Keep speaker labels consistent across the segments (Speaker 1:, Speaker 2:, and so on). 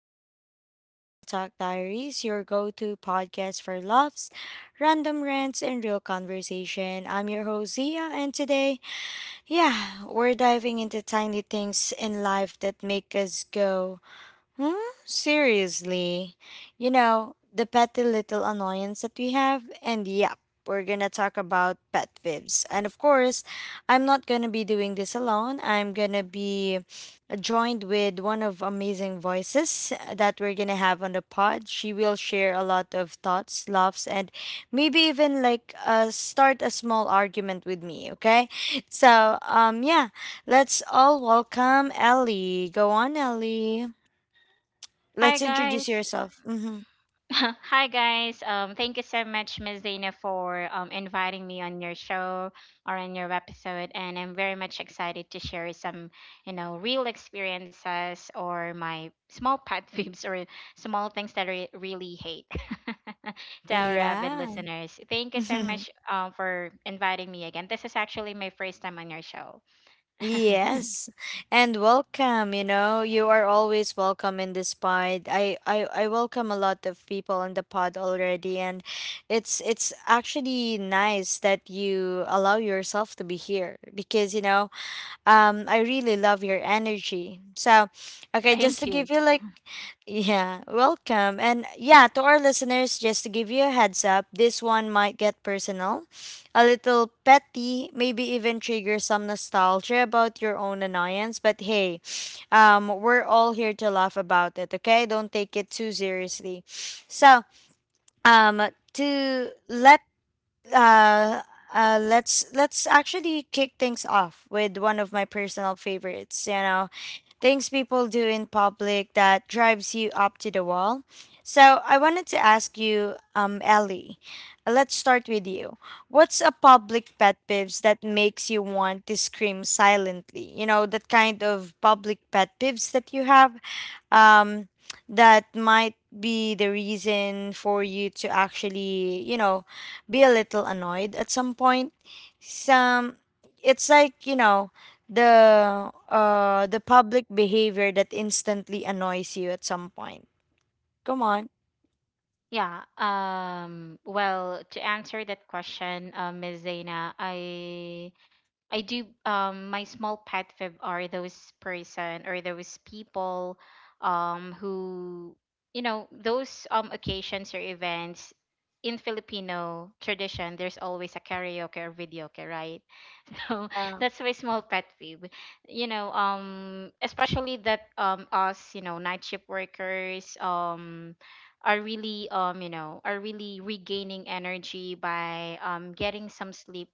Speaker 1: another episode of Real Talk Diaries, your go to podcast for laughs, random rants, and real conversation. I'm your host, Zia, and today, yeah, we're diving into tiny things in life that make us go. Huh? Seriously. You know, the petty little annoyance that we have, and yep, we're gonna talk about pet peeves. And of course, I'm not gonna be doing this alone. I'm gonna be joined with one of amazing voices that we're gonna have on the pod. She will share a lot of thoughts, laughs, and maybe even like start a small argument with me, okay? So, let's all welcome Ellie. Go on, Ellie.
Speaker 2: Hi
Speaker 1: Let's introduce
Speaker 2: guys.
Speaker 1: yourself. Mm-hmm.
Speaker 2: Hi guys. Thank you so much Ms. Dana for inviting me on your show or on your episode, and I'm very much excited to share some, you know, real experiences or my small pet peeves or small things that I really hate to our avid
Speaker 1: Yeah.
Speaker 2: listeners. Thank you so much for inviting me again. This is actually my first time on your show.
Speaker 1: Yes. And welcome, you know, you are always welcome in this pod. I welcome a lot of people on the pod already and it's actually nice that you allow yourself to be here because I really love your energy. So, okay, just
Speaker 2: Thank
Speaker 1: to
Speaker 2: you.
Speaker 1: give you like yeah, welcome. And yeah, to our listeners, just to give you a heads up, this one might get personal, a little petty, maybe even trigger some nostalgia about your own annoyance. But hey, we're all here to laugh about it, okay? Don't take it too seriously. So, to let uh, let's actually kick things off with one of my personal favorites. You know, things people do in public that drives you up to the wall. So I wanted to ask you, Ellie. Let's start with you. What's a public pet peeves that makes you want to scream silently? You know, that kind of public pet peeves that you have um, that might be the reason for you to actually, you know, be a little annoyed at some point. Some it's like, you know, the public behavior that instantly annoys you at some point. Come on.
Speaker 2: Yeah. Well, to answer that question, Miss Zaina, I do. My small pet fib are those person or those people, who, you know, those occasions or events in Filipino tradition. There's always a karaoke or videoke, right? So that's my small pet peeve. You know, especially that us, you know, night shift workers, are really you know, are really regaining energy by getting some sleep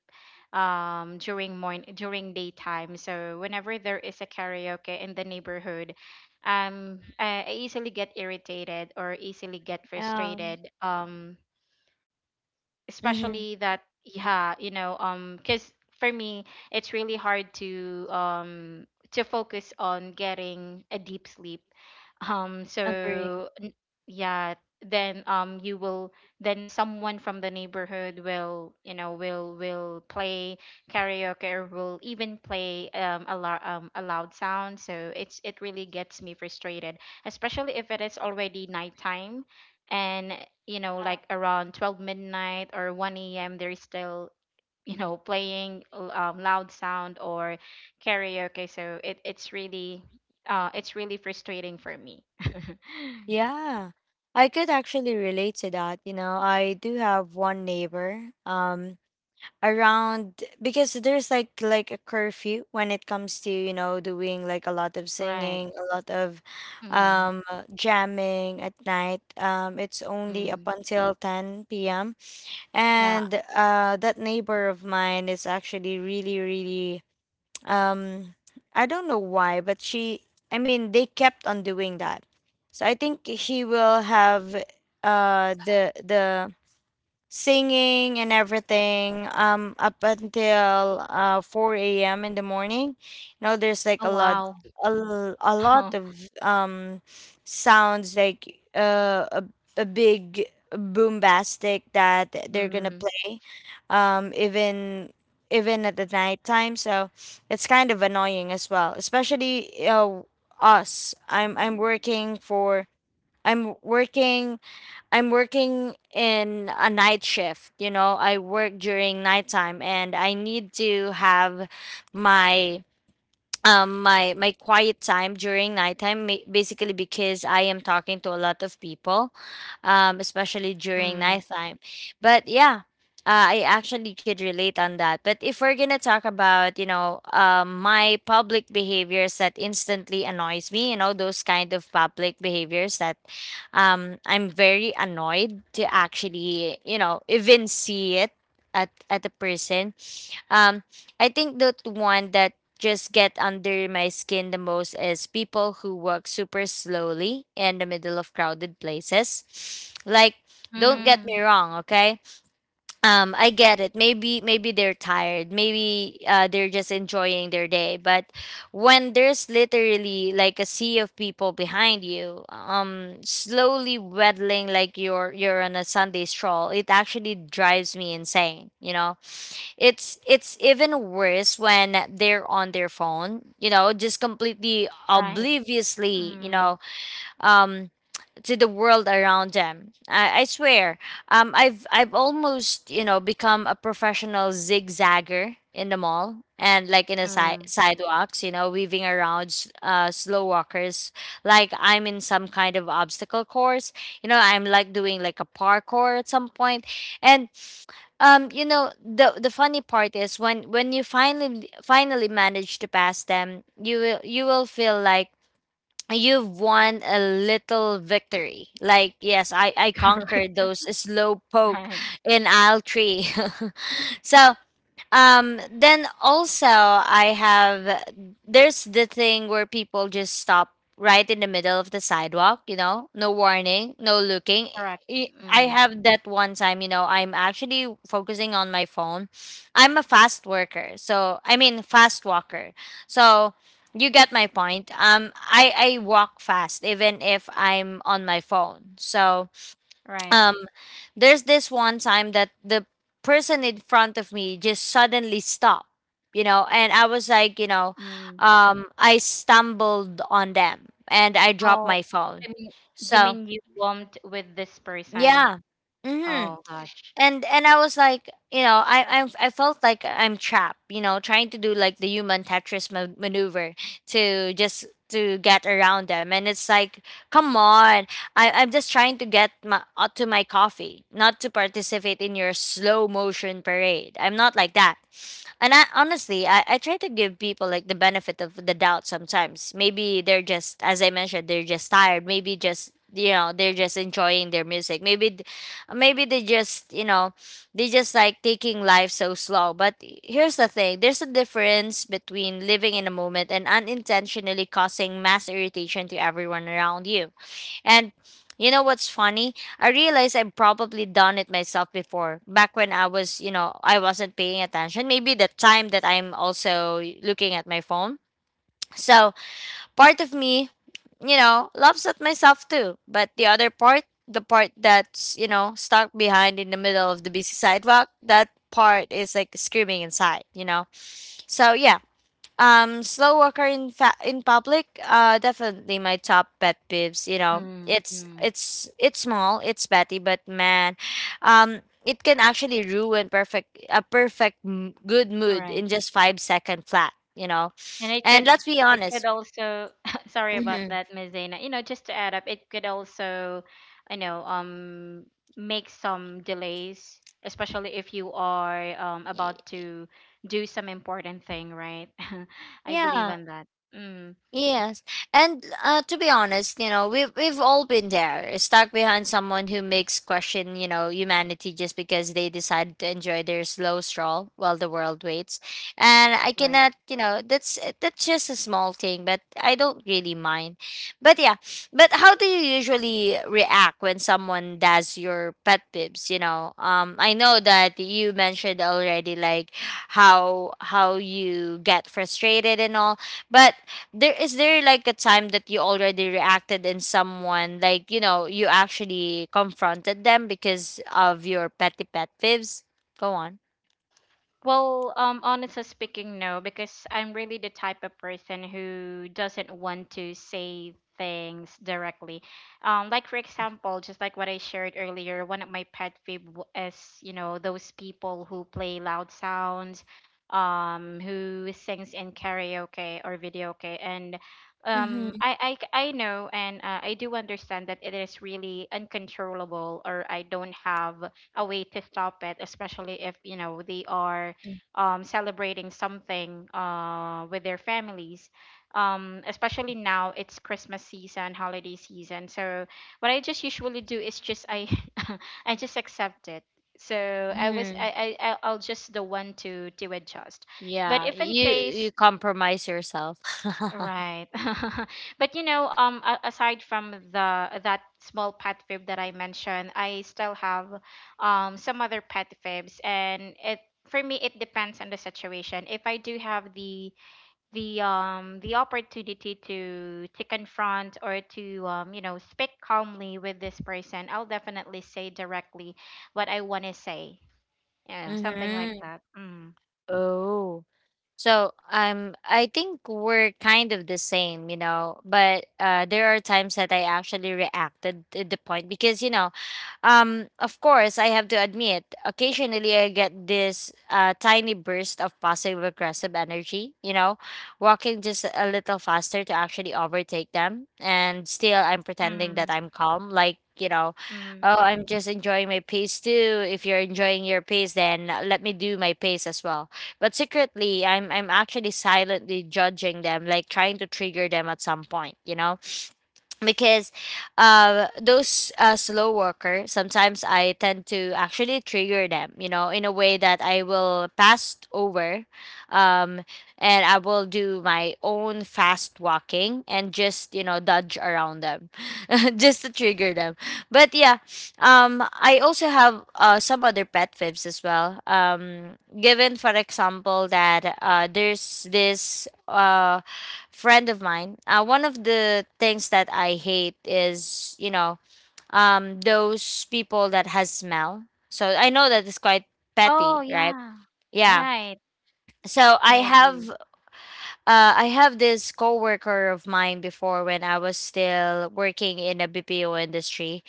Speaker 2: during morning, during daytime. So whenever there is a karaoke in the neighborhood, I easily get irritated or easily get
Speaker 1: Um
Speaker 2: frustrated.
Speaker 1: mm-hmm.
Speaker 2: Especially that, yeah, you know, because for me it's really hard to focus on getting a deep sleep, um
Speaker 1: Agree.
Speaker 2: so n- yeah, then you will, then someone from the neighborhood will, you know, will play karaoke or will even play a loud sound, so it's, it really gets me frustrated, especially if it is already nighttime and, you know, like around 12 midnight or 1 a.m., they're still, you know, playing loud sound or karaoke, so it's really frustrating for me.
Speaker 1: Yeah. I could actually relate to that. You know, I do have one neighbor. Around because there's like a curfew when it comes to you know doing like a lot of
Speaker 2: Right.
Speaker 1: singing a lot of
Speaker 2: Mm.
Speaker 1: jamming at night it's only
Speaker 2: Mm.
Speaker 1: up until 10 p.m.
Speaker 2: Yeah.
Speaker 1: and that neighbor of mine is actually really um I don't know why but she I mean they kept on doing that so I think he will have the singing and everything up until 4 a.m. in the morning. You know, there's like
Speaker 2: Oh
Speaker 1: a lot
Speaker 2: wow.
Speaker 1: a lot of sounds like a big boombastic that they're gonna
Speaker 2: Mm.
Speaker 1: play um even even at the nighttime. So it's kind of annoying as well especially us I'm working for I'm working I'm working in a night shift, you know, I work during nighttime and I need to have my my quiet time during nighttime basically because I am talking to a lot of people especially during
Speaker 2: Mm.
Speaker 1: nighttime but yeah I actually could relate on that. But if we're gonna talk about you know my public behaviors that instantly annoys me, you know, those kind of public behaviors that I'm very annoyed to actually you know even see it at a person um I think that one that just get under my skin the most is people who walk super slowly in the middle of crowded places. Like, don't get me
Speaker 2: Mm.
Speaker 1: wrong, okay? I get it. Maybe they're tired. Maybe they're just enjoying their day. But when there's literally like a sea of people behind you, slowly waddling like you're on a Sunday stroll, it actually drives me insane. You know, it's even worse when they're on their phone, you know, just completely
Speaker 2: Right.
Speaker 1: obliviously, you
Speaker 2: Mm.
Speaker 1: know, um to the world around them. I swear. I've almost, you know, become a professional zigzagger in the mall and like in the
Speaker 2: Mm.
Speaker 1: sidewalks, you know, weaving around slow walkers like I'm in some kind of obstacle course. You know, I'm like doing like a parkour at some point. And you know, the funny part is when you finally finally manage to pass them, you will feel like you've won a little victory. Like, yes, I conquered
Speaker 2: Correct.
Speaker 1: those slow poke
Speaker 2: Right.
Speaker 1: in aisle 3. So, then also I have there's the thing where people just stop right in the middle of the sidewalk, you know, no warning, no looking.
Speaker 2: Correct.
Speaker 1: I
Speaker 2: Mm.
Speaker 1: have that one time, you know, I'm actually focusing on my phone. I'm a fast worker. So, I mean fast walker. So, you get my point. I walk fast even if I'm on my phone. So,
Speaker 2: Right.
Speaker 1: um there's this one time that the person in front of me just suddenly stopped, you know, and I was like, you know,
Speaker 2: Mm.
Speaker 1: I stumbled on them and I dropped
Speaker 2: Oh,
Speaker 1: my phone.
Speaker 2: I
Speaker 1: So,
Speaker 2: mean you bumped with this person?
Speaker 1: yeah. Mm-hmm.
Speaker 2: Oh gosh.
Speaker 1: And I was like, you know, I felt like I'm trapped, you know, trying to do like the human Tetris maneuver to just to get around them, and it's like, come on, I'm just trying to get my to my coffee, not to participate in your slow motion parade. I'm not like that, and I honestly I try to give people like the benefit of the doubt sometimes. Maybe they're just as I mentioned, they're just tired. Maybe just you know they're just enjoying their music, maybe maybe they just you know they just like taking life so slow. But here's the thing, there's a difference between living in a moment and unintentionally causing mass irritation to everyone around you. And you know what's funny, I realize I've probably done it myself before back when I was you know I wasn't paying attention, maybe the time that I'm also looking at my phone. So part of me, you know, laughs at myself too. But the other part, the part that's, you know, stuck behind in the middle of the busy sidewalk, that part is like screaming inside, you know? So yeah, slow walker in in public, definitely my top pet peeves. You know,
Speaker 2: Mm.
Speaker 1: it's
Speaker 2: Mm.
Speaker 1: it's it's small, it's petty, but man, it can actually ruin perfect a perfect good
Speaker 2: All
Speaker 1: mood
Speaker 2: right.
Speaker 1: in just 5 second flat. You know,
Speaker 2: And it
Speaker 1: and
Speaker 2: could,
Speaker 1: let's be
Speaker 2: it could
Speaker 1: honest.
Speaker 2: also sorry about
Speaker 1: Mm-hmm.
Speaker 2: that, Miss Dana. You know, just to add up, it could also, I know, make some delays, especially if you are about to do some important thing, right? I believe
Speaker 1: Yeah.
Speaker 2: on that. Mm.
Speaker 1: Yes. And to be honest, you know, we've all been there, stuck behind someone who makes question, you know, humanity just because they decided to enjoy their slow stroll while the world waits. And I
Speaker 2: Right.
Speaker 1: cannot, you know, that's just a small thing, but I don't really mind. But yeah, but how do you usually react when someone does your pet peeves, you know? I know that you mentioned already like how you get frustrated and all, but there is there like a time that you already reacted in someone like you know you actually confronted them because of your petty pet peeves. Go on.
Speaker 2: Well, honestly speaking, no, because I'm really the type of person who doesn't want to say things directly. Like for example, just like what I shared earlier, one of my is, you know, those people who play loud sounds, who sings in karaoke or video okay, and
Speaker 1: Mm-hmm.
Speaker 2: I know, and I do understand that it is really uncontrollable, or I don't have a way to stop it, especially if you know they are celebrating something with their families. Especially now it's Christmas season, holiday season. So what I just usually do is just I I just accept it. So I was
Speaker 1: Hmm.
Speaker 2: I- I'll just the one to adjust. But
Speaker 1: Yeah,
Speaker 2: if in
Speaker 1: you
Speaker 2: case
Speaker 1: you compromise yourself.
Speaker 2: Right. But you know, a- aside from the that small pet fib that I mentioned, I still have some other pet fibs, and it for me it depends on the situation. If I do have the opportunity to confront or to, you know, speak calmly with this person, I'll definitely say directly what I want to say. You know, something like
Speaker 1: Hmm.
Speaker 2: that. Mm.
Speaker 1: Oh. So I think we're kind of the same, you know, but there are times that I actually reacted at the point because you know, of course I have to admit occasionally I get this tiny burst of passive aggressive energy, you know, walking just a little faster to actually overtake them and still I'm pretending that
Speaker 2: Mm.
Speaker 1: I'm calm like you know,
Speaker 2: Mm.
Speaker 1: oh I'm just enjoying my pace too. If you're enjoying your pace then let me do my pace as well. But secretly, I'm actually silently judging them, like trying to trigger them at some point, you know? Because those slow worker, sometimes I tend to actually trigger them, in a way that I will pass over. um, and I will do my own fast walking and just, dodge around them. Just to trigger them. But yeah, I also have some other pet fibs as well. Given for example that there's this friend of mine. One of the things that I hate is, those people that has smell. So I know that it's quite petty,
Speaker 2: Oh
Speaker 1: right?
Speaker 2: yeah.
Speaker 1: Yeah.
Speaker 2: Right.
Speaker 1: So i
Speaker 2: I
Speaker 1: have
Speaker 2: agree.
Speaker 1: uh, i have this coworker of mine before, when I was still working in a BPO industry.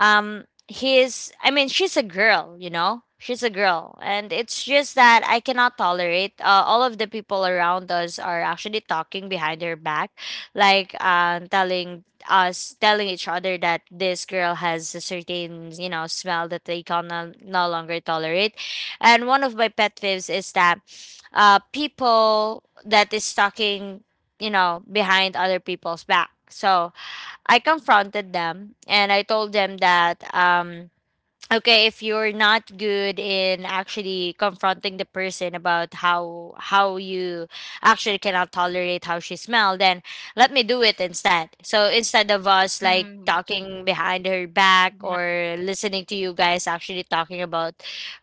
Speaker 1: He's I mean, she's a girl. She's a girl, and it's just that I cannot tolerate, all of the people around us are actually talking behind her back, like telling each other that this girl has a certain, smell that they can no longer tolerate. And one of my pet peeves is that, people that is talking, behind other people's back. So I confronted them and I told them that, okay, if you're not good in actually confronting the person about how you actually cannot tolerate how she smell, then let me do it instead. So instead of us, like,
Speaker 2: Mm.
Speaker 1: talking behind her back,
Speaker 2: Yeah.
Speaker 1: or listening to you guys actually talking about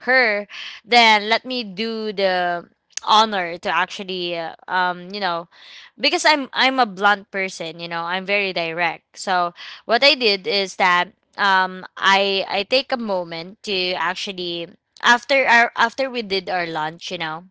Speaker 1: her, then let me do the honor to actually, because I'm a blunt person, I'm very direct. So what I did is that, I take a moment to actually, after we did our lunch, you know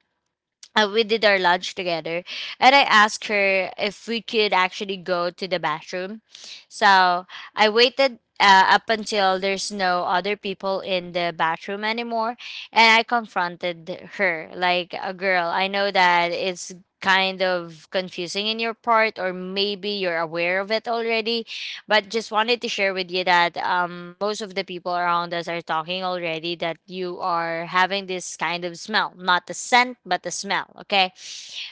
Speaker 1: uh, we did our lunch together, and I asked her if we could actually go to the bathroom. So I waited up until there's no other people in the bathroom anymore. And I confronted her, like, a "girl, I know that it's kind of confusing in your part, or maybe you're aware of it already, but just wanted to share with you that, most of the people around us are talking already that you are having this kind of smell, not the scent, but the smell, okay?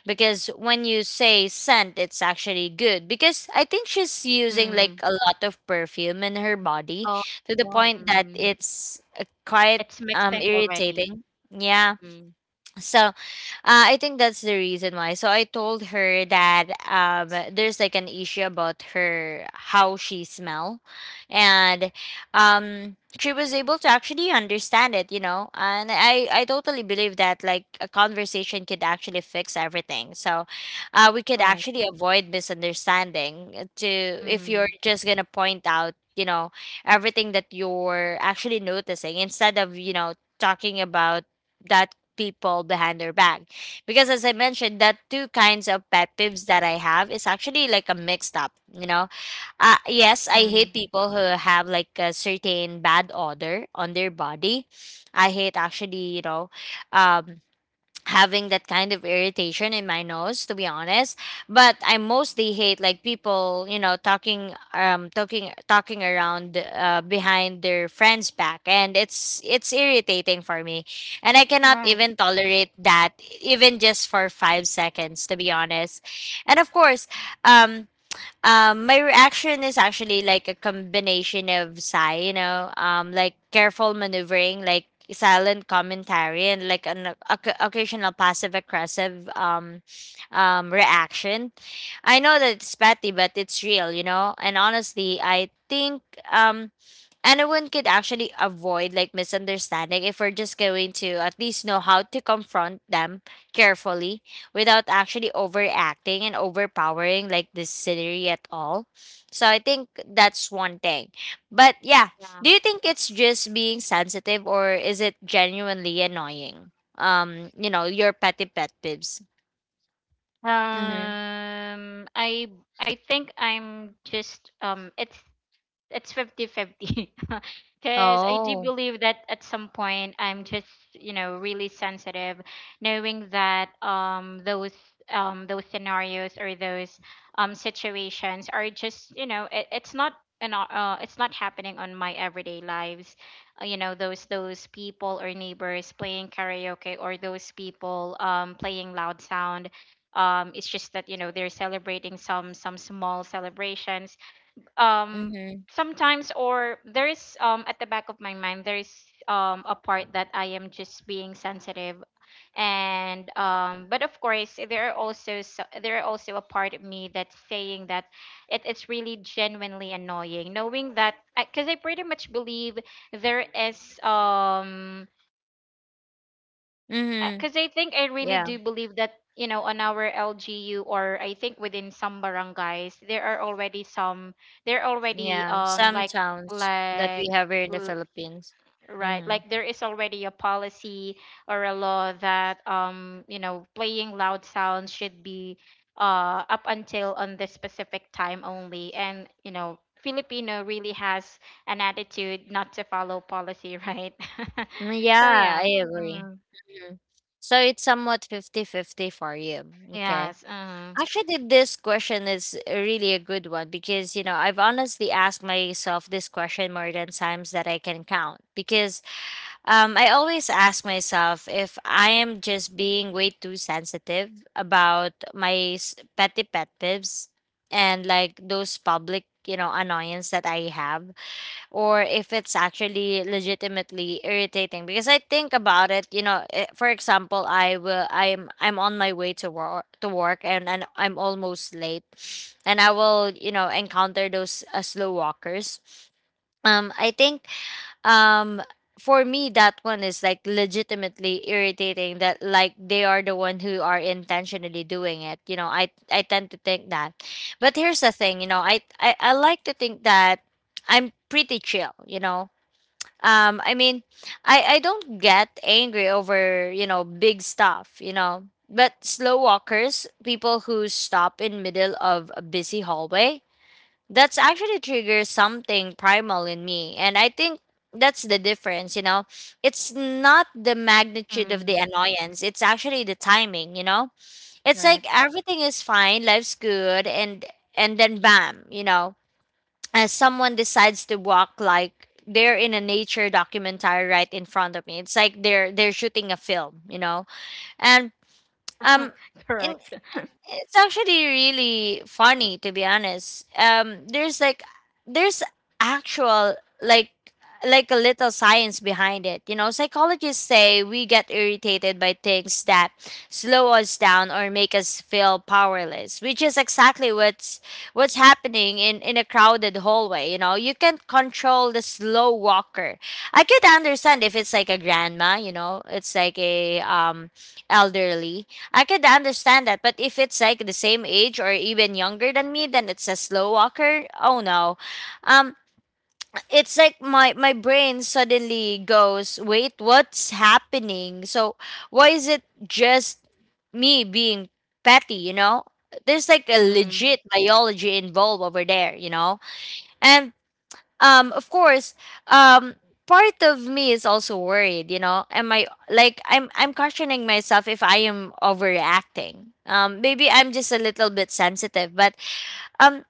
Speaker 1: Because when you say scent, it's actually good." Because I think she's using like
Speaker 2: Mm.
Speaker 1: a lot of perfume in her body,
Speaker 2: Oh,
Speaker 1: to the
Speaker 2: yeah.
Speaker 1: point that
Speaker 2: Mm.
Speaker 1: it's quite
Speaker 2: It's mixing already.
Speaker 1: irritating. Yeah.
Speaker 2: Mm.
Speaker 1: So, I think that's the reason why. So I told her that, there's like an issue about her, how she smell, and she was able to actually understand it. And I totally believe that like a conversation could actually fix everything. So, we could
Speaker 2: Right.
Speaker 1: actually avoid misunderstanding, to, if you're
Speaker 2: Mm.
Speaker 1: just gonna point out, everything that you're actually noticing, instead of talking about that people behind their back. Because, as I mentioned, that two kinds of pet peeves that I have is actually like a mixed up, yes, I hate
Speaker 2: Mm.
Speaker 1: people who have like a certain bad odor on their body. I hate actually, um having that kind of irritation in my nose, to be honest. But I mostly hate, like, people, talking around, behind their friends back, and it's irritating for me, and I cannot
Speaker 2: Right.
Speaker 1: even tolerate that, even just for 5 seconds, to be honest. And of course, um my reaction is actually like a combination of sigh, like careful maneuvering, like silent commentary, and like an occasional passive aggressive, reaction. I know that it's petty, but it's real. And honestly, I think, um, anyone could actually avoid like misunderstanding, if we're just going to at least know how to confront them carefully, without actually overacting and overpowering like this scenery at all. So I think that's one thing. But yeah,
Speaker 2: Yeah.
Speaker 1: do you think it's just being sensitive, or is it genuinely annoying? Your petty pet peeves. Mm-hmm.
Speaker 2: Um, I I think I'm just it's fifty-fifty, because I do
Speaker 1: Oh.
Speaker 2: believe that at some point I'm just, you know, really sensitive, knowing that, those scenarios or those situations are just, you know, it's not it's not happening on my everyday lives. You know, those people or neighbors playing karaoke, or those people playing loud sound, it's just that, you know, they're celebrating some small celebrations, um
Speaker 1: Mm-hmm.
Speaker 2: sometimes, or there is, at the back of my mind, there is a part that I am just being sensitive. And, but of course, there are also, so, there are also a part of me that's saying that it's really genuinely annoying, knowing that, because I pretty much believe there is,
Speaker 1: Mm-hmm.
Speaker 2: because I think I really
Speaker 1: Yeah.
Speaker 2: do believe that, you know, on our LGU, or I think within some barangays, there are already some, there are already
Speaker 1: Yeah, some towns that we
Speaker 2: like
Speaker 1: have here in the
Speaker 2: l-
Speaker 1: Philippines.
Speaker 2: right,
Speaker 1: Mm-hmm.
Speaker 2: like there is already a policy or a law that, you know, playing loud sounds should be up until on this specific time only, and, you know, Filipino really has an attitude not to follow policy, right?
Speaker 1: Mm.
Speaker 2: So
Speaker 1: Yeah,
Speaker 2: yeah.
Speaker 1: I agree.
Speaker 2: Mm.
Speaker 1: Mhm. So it's somewhat fifty-fifty for you. Okay.
Speaker 2: Yes
Speaker 1: Actually, this question is really a good one, because, I've honestly asked myself this question more than times that I can count, because I always ask myself if I am just being way too sensitive about my petty pet peeves, and like those public, annoyance that I have, or if it's actually legitimately irritating. Because I think about it, eh, for example, I will I'm on my way to work, and I'm almost late, and I will, encounter those slow walkers. I think, um for me, that one is like legitimately irritating, that, like, they are the one who are intentionally doing it, I tend to think that. But here's the thing, I like to think that I'm pretty chill, I mean, I don't get angry over, big stuff, but slow walkers, people who stop in middle of a busy hallway, that's actually triggers something primal in me, and I think that's the difference. It's not the magnitude of the
Speaker 2: Mm.
Speaker 1: annoyance, it's actually the timing. It's like
Speaker 2: Right.
Speaker 1: everything is fine, life's good, and then bam, as someone decides to walk like they're in a nature documentary right in front of me. It's like they're shooting a film. And um in
Speaker 2: Correct.
Speaker 1: It's actually really funny, to be honest. There's like, there's actual, like, a little science behind it. Psychologists say we get irritated by things that slow us down or make us feel powerless, which is exactly what's happening in a crowded hallway, you know. You can't control the slow walker. I could understand if it's like a grandma, it's like a, elderly. I could understand that, but if it's like the same age or even younger than me, then it's a slow walker. Oh no. Um it's like my brain suddenly goes, "Wait, what's happening?" So, why is it just me being petty, you know? There's like a
Speaker 2: Mm.
Speaker 1: legit biology involved over there, you know? And of course, um part of me is also worried, am I like, I'm questioning myself if I am overreacting. Maybe I'm just a little bit sensitive. But um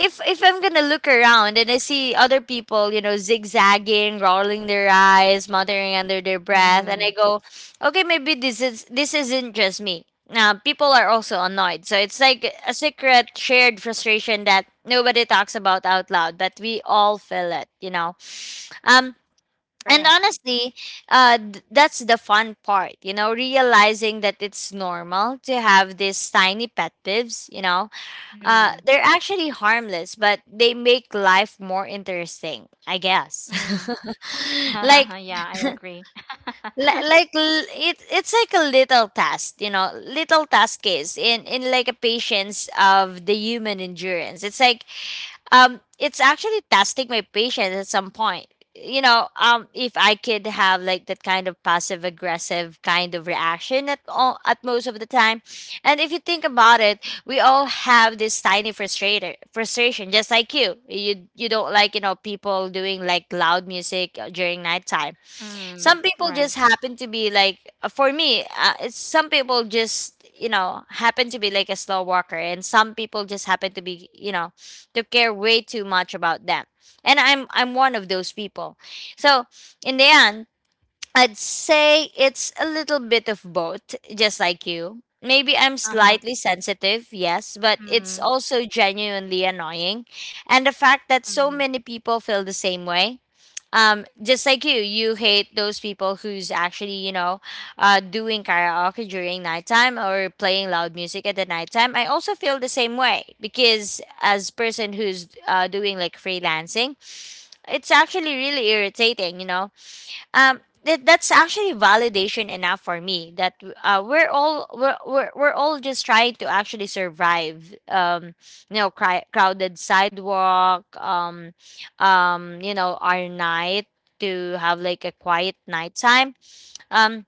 Speaker 1: if I'm gonna look around and I see other people, zigzagging, rolling their eyes, muttering under their breath, and I
Speaker 2: Mm.
Speaker 1: go, okay, maybe this isn't just me. Now people are also annoyed, so it's like a secret shared frustration that nobody talks about out loud, but we all feel it. Um, and
Speaker 2: Correct.
Speaker 1: honestly, that's the fun part, realizing that it's normal to have these tiny pet peeves.
Speaker 2: Mm.
Speaker 1: They're actually harmless, but they make life more interesting, I guess.
Speaker 2: Mm.
Speaker 1: Like,
Speaker 2: Yeah, I agree.
Speaker 1: it's like a little task, little task is, in like a patience of the human endurance. It's like, it's actually testing my patience at some point. If I could have like that kind of passive aggressive kind of reaction at all, at most of the time. And if you think about it, we all have this tiny frustrator frustration, just like you, you don't like, people doing like loud music during nighttime.
Speaker 2: Mm.
Speaker 1: Some people
Speaker 2: Right.
Speaker 1: just happen to be like, for me, it's some people just, happen to be like a slow walker. And some people just happen to be, to care way too much about them, and I'm one of those people. So, in the end, I'd say it's a little bit of both. Just like you, maybe I'm
Speaker 2: Uh-huh.
Speaker 1: slightly sensitive, yes, but it's
Speaker 2: Mm.
Speaker 1: also genuinely annoying. And the fact that so
Speaker 2: Mm.
Speaker 1: many people feel the same way, just like you hate those people who's actually, doing karaoke during nighttime or playing loud music at the nighttime. I also feel the same way, because as person who's doing like freelancing, it's actually really irritating. That's actually validation enough for me that, we're all just trying to actually survive, crowded sidewalk, our night, to have like a quiet nighttime. um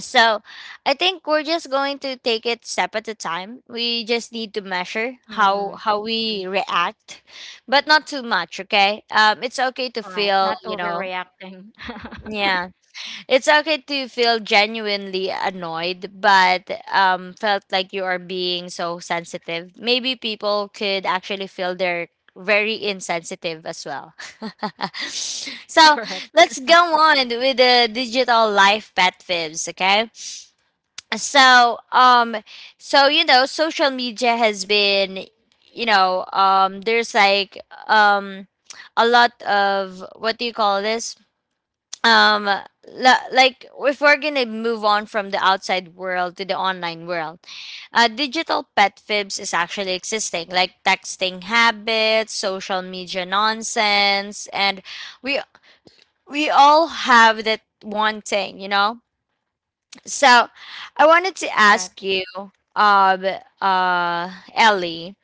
Speaker 1: so, I think we're just going to take it step at a time. We just need to measure how
Speaker 2: Mm.
Speaker 1: how we
Speaker 2: Mm.
Speaker 1: react, but not too much, okay? It's okay to
Speaker 2: All right.
Speaker 1: feel,
Speaker 2: Not
Speaker 1: you know.
Speaker 2: overreacting.
Speaker 1: Yeah, it's okay to feel genuinely annoyed, but felt like you are being so sensitive. Maybe people could actually feel they're very insensitive as well. So
Speaker 2: Correct.
Speaker 1: let's go on with the digital life pet fibs, okay? So, so, you know, social media has been, there's like, um, a lot of, what do you call this? Like, if we're gonna move on from the outside world to the online world, digital pet fibs is actually existing, like texting habits, social media nonsense, and we we all have that one thing, so I wanted to
Speaker 2: Right.
Speaker 1: ask you, um Ellie,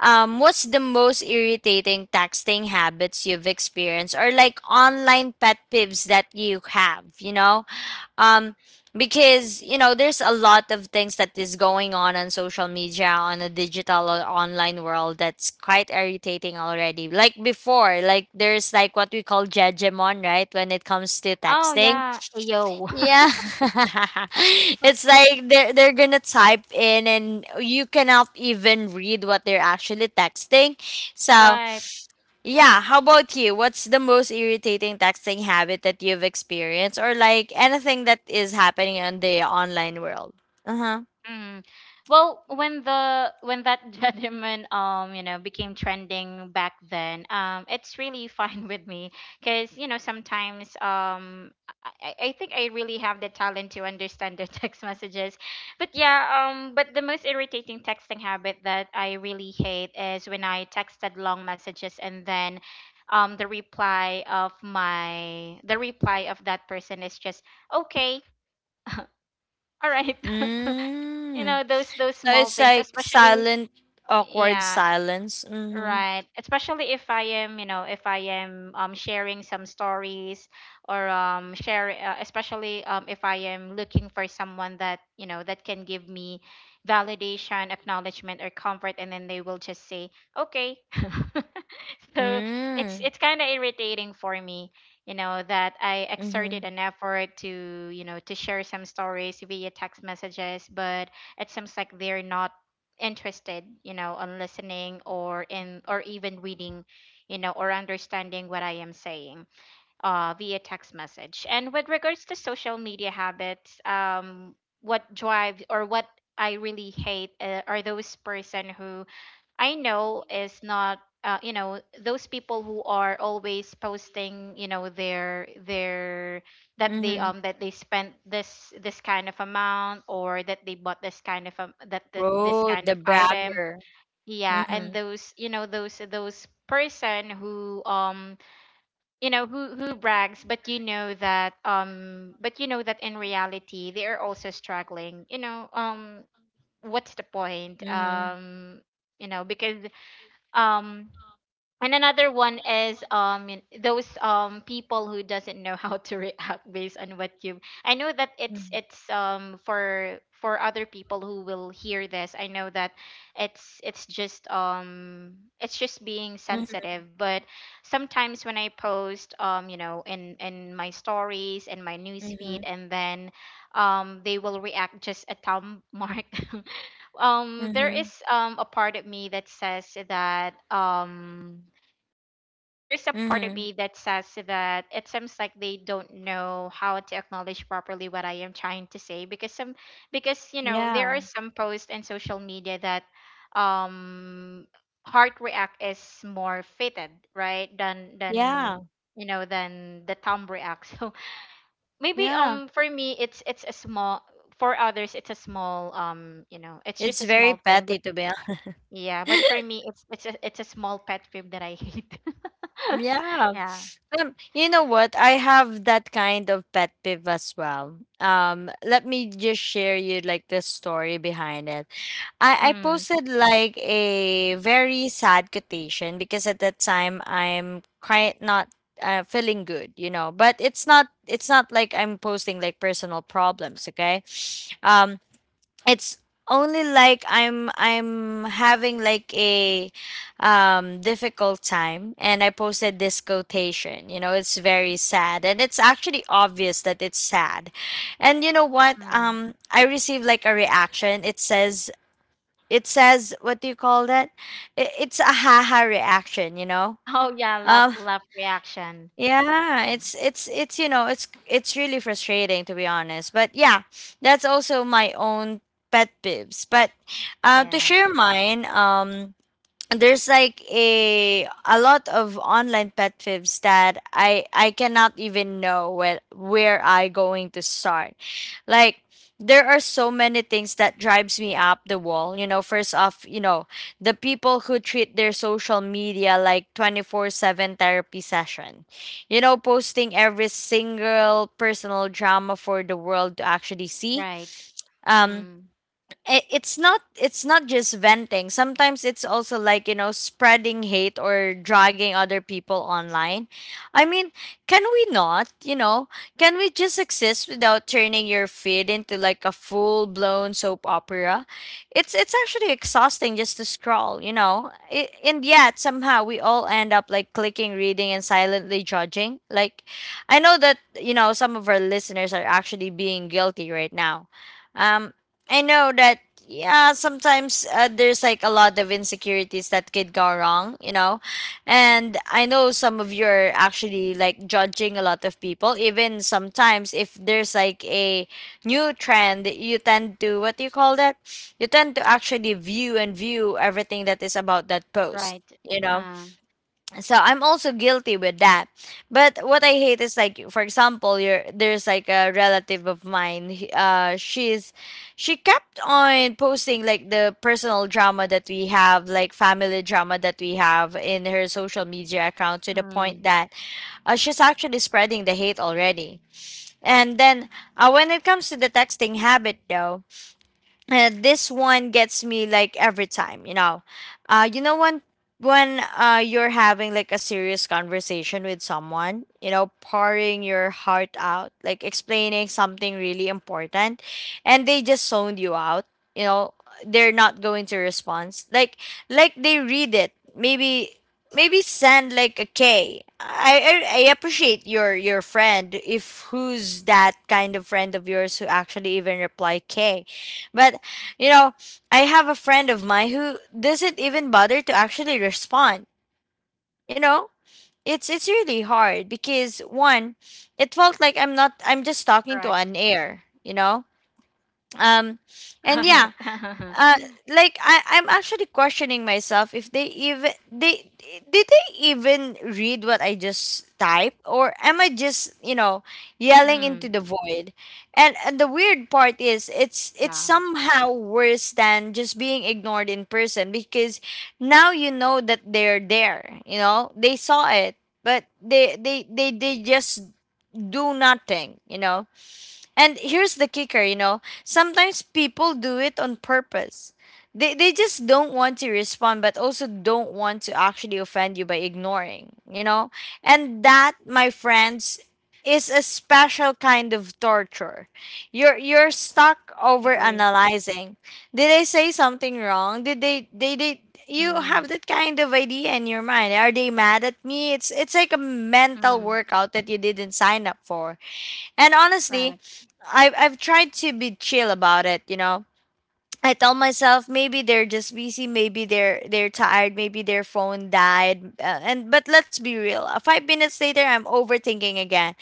Speaker 1: what's the most irritating texting habits you've experienced, or like online pet peeves that you have, um because, there's a lot of things that is going on social media, on a digital or online world, that's quite irritating already. Like before, like there's like, what we call judgment, right, when it comes to
Speaker 2: Oh
Speaker 1: texting.
Speaker 2: yeah. Ayo.
Speaker 1: Yeah. It's like they're gonna type in, and you cannot even read what they're actually texting. So
Speaker 2: Right.
Speaker 1: yeah, how about you? What's the most irritating texting habit that you've experienced or like anything that is happening in the online world? Uh-huh.
Speaker 2: Mm. Well, when the when that gentleman, you know, became trending back then, it's really fine with me, because, you know, sometimes, I think I really have the talent to understand the text messages. But yeah, but the most irritating texting habit that I really hate is when I texted long messages, and then, the reply of my the reply of that person is just okay, all right. You
Speaker 1: Mm.
Speaker 2: know, those
Speaker 1: So
Speaker 2: small
Speaker 1: it's
Speaker 2: things,
Speaker 1: like
Speaker 2: especially
Speaker 1: silent, awkward
Speaker 2: yeah.
Speaker 1: silence. Mm-hmm.
Speaker 2: Right. Especially if I am, you know, if I am sharing some stories, or share especially if I am looking for someone that, you know, that can give me validation, acknowledgement, or comfort, and then they will just say, "Okay." So, it's
Speaker 1: Mm.
Speaker 2: it's kind of irritating for me, you know, that I exerted
Speaker 1: Mm-hmm.
Speaker 2: an effort to, you know, to share some stories via text messages, but it seems like they're not interested, you know, on listening, or in, or even reading, you know, or understanding what I am saying via text message. And with regards to social media habits, what drives, or what I really hate, are those person who I know is not, you know, those people who are always posting, you know, their, that they,
Speaker 1: Mm-hmm.
Speaker 2: that they spent this kind of amount, or that they bought this kind of, that this
Speaker 1: Oh,
Speaker 2: kind of
Speaker 1: the
Speaker 2: item.
Speaker 1: bragger.
Speaker 2: Yeah, and
Speaker 1: Mm-hmm.
Speaker 2: those, you know, those person who, you know, who brags, but you know that, but you know that in reality they are also struggling. You know, what's the point?
Speaker 1: Mm-hmm.
Speaker 2: You know, because, um and another one is, those people who doesn't know how to react based on what you, I know that
Speaker 1: Mm-hmm.
Speaker 2: it's, for other people who will hear this, I know that it's just, it's just being sensitive, but sometimes when I post, you know, in my stories and my
Speaker 1: Mm-hmm.
Speaker 2: newsfeed, and then, they will react just a thumb mark. There
Speaker 1: Mm-hmm.
Speaker 2: is, a part of me that says that, there is a part of
Speaker 1: Mm-hmm.
Speaker 2: me that says that it seems like they don't know how to acknowledge properly what I am trying to say, because some, because you know there are
Speaker 1: Yeah.
Speaker 2: some posts in social media that, um heart react is more fitted, right, than
Speaker 1: Yeah.
Speaker 2: you know, than the thumb react. So maybe,
Speaker 1: Yeah.
Speaker 2: for me it's a small, for others it's a small, you know, it's
Speaker 1: It's
Speaker 2: just a
Speaker 1: very
Speaker 2: small thing.
Speaker 1: petty to be honest.
Speaker 2: Yeah, but for me, it's a small pet peeve that I hate.
Speaker 1: Yeah.
Speaker 2: Yeah.
Speaker 1: You know what? I have that kind of pet peeve as well. Let me just share you like the story behind it. I
Speaker 2: Mm.
Speaker 1: posted like a very sad quotation because at that time I'm quite not feeling good, you know. But it's not like I'm posting like personal problems, okay? Um it's only like I'm having like a difficult time and I posted this quotation, you know, it's very sad and it's actually obvious that it's sad. And you know what,
Speaker 2: Mm.
Speaker 1: I received like a reaction. It says, what do you call that? It's a haha reaction, you know.
Speaker 2: Oh yeah, love
Speaker 1: um
Speaker 2: love reaction.
Speaker 1: yeah,
Speaker 2: Yeah.
Speaker 1: it's it's really frustrating to be honest. But yeah, that's also my own pet peeves. But to
Speaker 2: Yeah.
Speaker 1: share mine, there's like a lot of online pet fibs that I cannot even know where I going to start. Like there are so many things that drives me up the wall. You know, first off, you know, the people who treat their social media like 24/7 therapy session. You know, posting every single personal drama for the world to actually see.
Speaker 2: Right.
Speaker 1: Um
Speaker 2: Mm.
Speaker 1: it's not just venting. Sometimes it's also like, spreading hate or dragging other people online. I mean, can we not, can we just exist without turning your feed into like a full blown soap opera? It's actually exhausting just to scroll, you know I and yet somehow we all end up like clicking, reading and silently judging. Like, I know that, some of our listeners are actually being guilty right now. um I know that. Yeah, sometimes there's like a lot of insecurities that could go wrong, you know. And I know some of you are actually like judging a lot of people. Even sometimes if there's like a new trend, you tend to what do you call that? You tend to actually view and view everything that is about that post.
Speaker 2: Right.
Speaker 1: You know,
Speaker 2: Um.
Speaker 1: so I'm also guilty with that. But what I hate is like, for example, your there's like a relative of mine. She kept on posting like the personal drama that we have, like family drama that we have in her social media account to the point
Speaker 2: Mm.
Speaker 1: that she's actually spreading the hate already. And then when it comes to the texting habit, though, this one gets me like every time. uh you know when when you're having like a serious conversation with someone, pouring your heart out, like explaining something really important, and they just zoned you out. you know they're not going to respond. Like they read it. Maybe send like a k. I appreciate your friend if who's that kind of friend of yours who actually even reply k. But you know, I have a friend of mine who doesn't even bother to actually respond. You know, it's really hard because one, it felt like I'm not, I'm just talking to an
Speaker 2: Correct.
Speaker 1: air, you know? Um and
Speaker 2: Right.
Speaker 1: yeah, uh like I'm actually questioning myself if they even read what I just typed, or am I just,
Speaker 2: Mm.
Speaker 1: yelling into the void. And the weird part is
Speaker 2: Yeah.
Speaker 1: it's somehow worse than just being ignored in person because now you know that they're there, you know they saw it, but they just do nothing. And here's the kicker, you know, sometimes people do it on purpose. They just don't want to respond, but also don't want to actually offend you by ignoring, you know? And that, my friends, is a special kind of torture. You're stuck over
Speaker 2: Agree.
Speaker 1: analyzing. Did I say something wrong? Did they did, you
Speaker 2: Mm.
Speaker 1: have that kind of idea in your mind? Are they mad at me? It's like a mental
Speaker 2: Mm.
Speaker 1: workout that you didn't sign up for. And honestly,
Speaker 2: Right.
Speaker 1: I've tried to be chill about it. I tell myself maybe they're just busy, maybe they're tired, maybe their phone died. And but let's be real. 5 minutes later I'm overthinking again.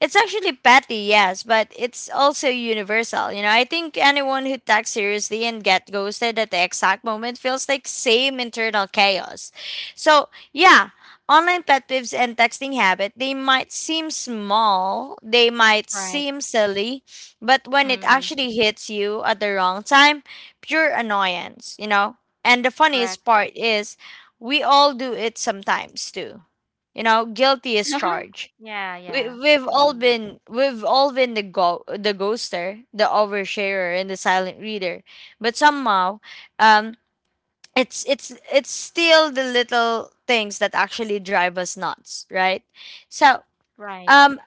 Speaker 1: It's actually petty, yes, but it's also universal. You know, I think anyone who texts seriously and get ghosted at the exact moment feels like same internal chaos. So, yeah, online pet peeves and texting habit, they might seem small, they might
Speaker 2: Right.
Speaker 1: seem silly, but when it
Speaker 2: Mm.
Speaker 1: actually hits you at the wrong time, pure annoyance, you know? And the funniest
Speaker 2: Correct.
Speaker 1: part is we all do it sometimes too. You know, guilty is charged.
Speaker 2: Yeah.
Speaker 1: We,
Speaker 2: Yeah.
Speaker 1: we've all
Speaker 2: Mm.
Speaker 1: been we've all been the the ghoster, the oversharer and the silent reader. But somehow, um it's still the little things that actually drive us nuts, right? So,
Speaker 2: Right.
Speaker 1: um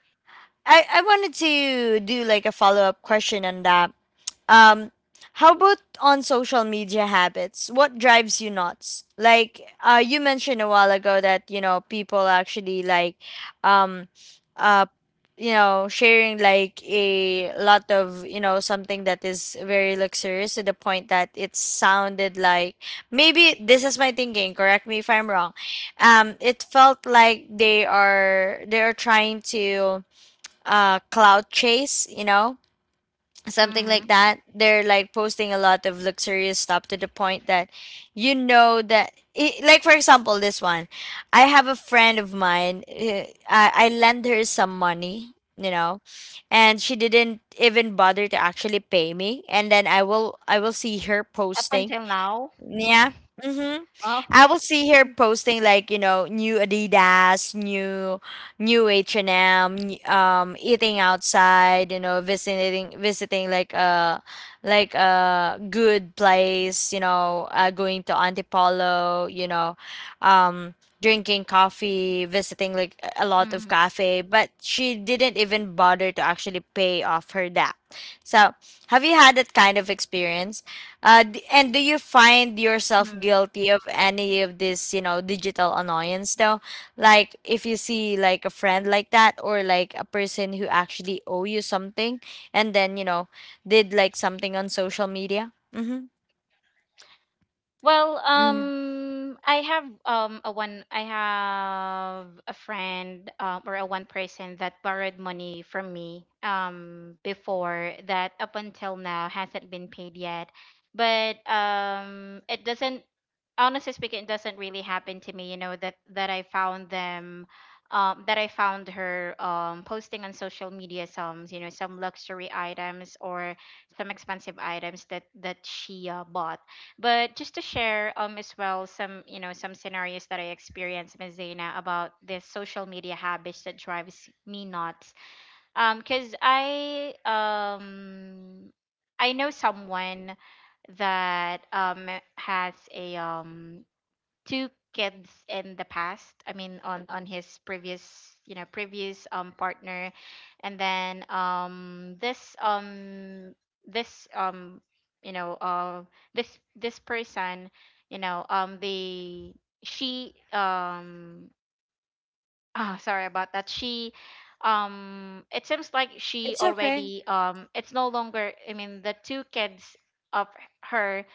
Speaker 1: I wanted to do like a follow-up question on that, um, how about on social media habits? What drives you nuts? Like, you mentioned a while ago that, people actually like, um, uh, sharing like a lot of, something that is very luxurious to the point that it sounded like maybe this is my thinking. Correct me if I'm wrong. It felt like they are trying to cloud chase. You know, something like
Speaker 2: Mm.
Speaker 1: that. They're like posting a lot of luxurious stuff to the point that I like, for example, this one. I have a friend of mine. I lend her some money and she didn't even bother to actually pay me. And then I will see her
Speaker 2: Up
Speaker 1: posting.
Speaker 2: until now.
Speaker 1: Yeah. Mm-hmm. I
Speaker 2: Well.
Speaker 1: will see her posting like, new Adidas, new H&M, eating outside, visiting like a good place, going to Antipolo, um drinking coffee, visiting like a lot
Speaker 2: Mm.
Speaker 1: of cafe, but she didn't even bother to actually pay off her debt. So, have you had that kind of experience? And do you
Speaker 2: Mm.
Speaker 1: find yourself guilty of any of this, digital annoyance though? Like if you see like a friend like that, or like a person who actually owe you something and then, did like something on social media. Mm-hmm.
Speaker 2: Well,
Speaker 1: Hmm.
Speaker 2: I have a friend, or a one person, that borrowed money from me before, that up until now hasn't been paid yet. But it doesn't honestly speaking, it doesn't really happen to me. You know, that I found them. That I found her posting on social media some, you know, some luxury items, or some expensive items that she bought. But just to share, as well, some, you know, some scenarios that I experienced, Miss Zena, about this social media habits that drives me nuts. Cause I know someone that, has a, two kids in the past, I mean on his previous, you know, previous partner. And then, this this you know, this person, you know, they she, Ah, sorry about that. She, it seems like she
Speaker 1: It's okay.
Speaker 2: already, it's no longer, I mean, the two kids of her,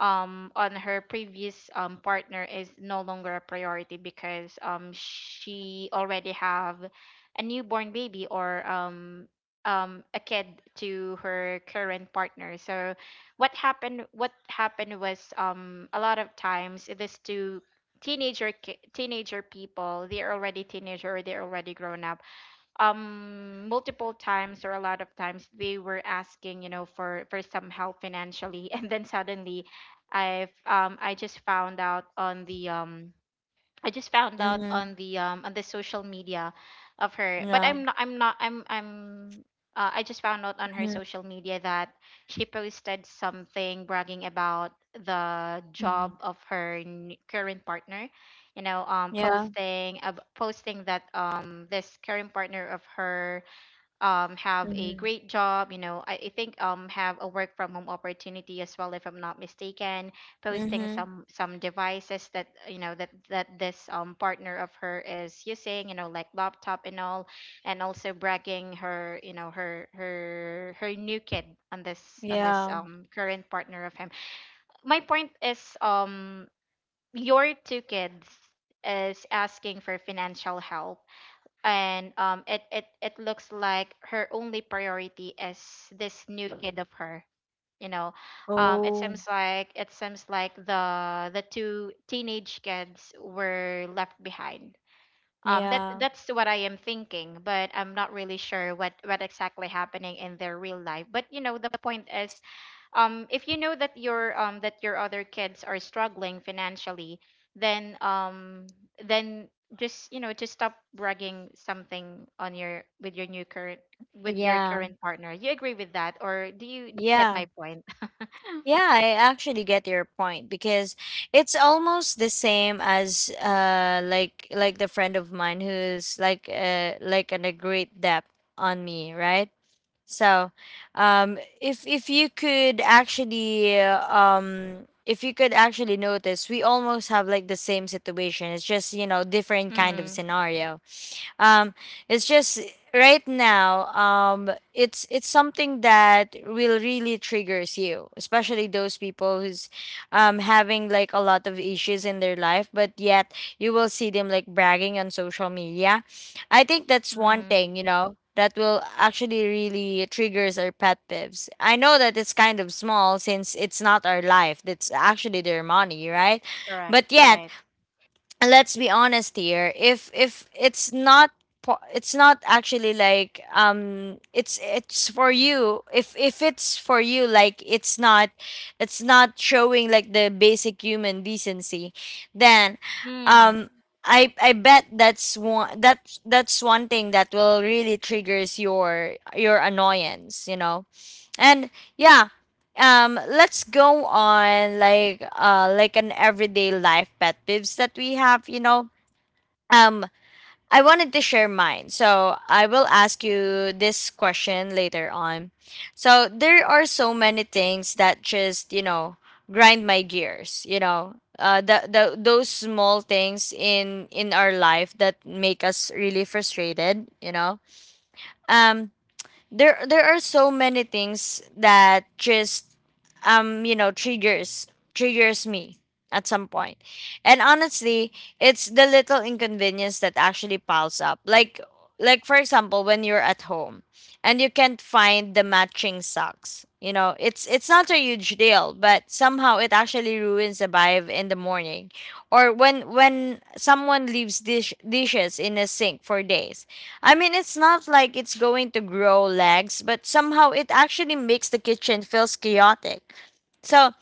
Speaker 2: on her previous, partner is no longer a priority because, she already have a newborn baby or, a kid to her current partner. So what happened was, a lot of times these two teenager people, they're already teenager or they're already grown up. Multiple times or a lot of times they were asking, for some help financially and then suddenly i've um i just found out on the um I just found out
Speaker 1: Mm-hmm.
Speaker 2: on the social media of her, but
Speaker 1: Yeah.
Speaker 2: I'm not. I just found out on her
Speaker 1: Mm-hmm.
Speaker 2: social media that she posted something bragging about the
Speaker 1: Mm-hmm.
Speaker 2: job of her current partner,
Speaker 1: Yeah.
Speaker 2: posting, posting that this current partner of her, have a
Speaker 1: Mm-hmm.
Speaker 2: great job. I think, have a work from home opportunity as well, if I'm not mistaken. Posting
Speaker 1: Mm-hmm.
Speaker 2: some devices that, that this, partner of her is using. You know, like laptop and all, and also bragging her you know her her her new kid on this,
Speaker 1: Yeah.
Speaker 2: current partner of him. My point is, your two kids is asking for financial help, and it looks like her only priority is this new kid of her. you know it
Speaker 1: Oh,
Speaker 2: seems like, the two teenage kids were left behind. That,
Speaker 1: yeah.
Speaker 2: that's what I am thinking, but I'm not really sure what exactly happening in their real life. But you know, the point is, if you know that your, other kids are struggling financially, then then just just stop bragging something on your— with your
Speaker 1: Yeah.
Speaker 2: current partner. You agree with that, or do you get
Speaker 1: Yeah.
Speaker 2: my point?
Speaker 1: Yeah, I actually get your point because it's almost the same as like the friend of mine who's like an a great debt on me, right? So, if you could actually if you could actually notice, we almost have like the same situation. It's just, you know, different kind of
Speaker 2: Mm.
Speaker 1: scenario. Um, it's just right now. It's something that will really triggers you, especially those people who's having like a lot of issues in their life, but yet you will see them like bragging on social media. I think that's one
Speaker 2: Mm.
Speaker 1: thing, that will actually really triggers our pet peeves. I know that it's kind of small since it's not our life. That's actually their money, right?
Speaker 2: Correct,
Speaker 1: But yet
Speaker 2: right.
Speaker 1: let's be honest here, if it's not, it's not actually like, it's for you, if it's for you, like it's not showing like the basic human decency, then,
Speaker 2: Mm.
Speaker 1: um I bet that's one thing that will really triggers your annoyance. And yeah, let's go on like an everyday life pet peeves that we have. um I wanted to share mine so I will ask you this question later on. So there are so many things that just, grind my gears. The those small things in our life that make us really frustrated. um there are so many things that just, um you know triggers triggers me at some point. And honestly, it's the little inconvenience that actually piles up, like for example when you're at home and you can't find the matching socks. It's not a huge deal, but somehow it actually ruins the vibe in the morning. Or when someone leaves dishes in a sink for days. I mean, it's not like it's going to grow legs, but somehow it actually makes the kitchen feels chaotic. So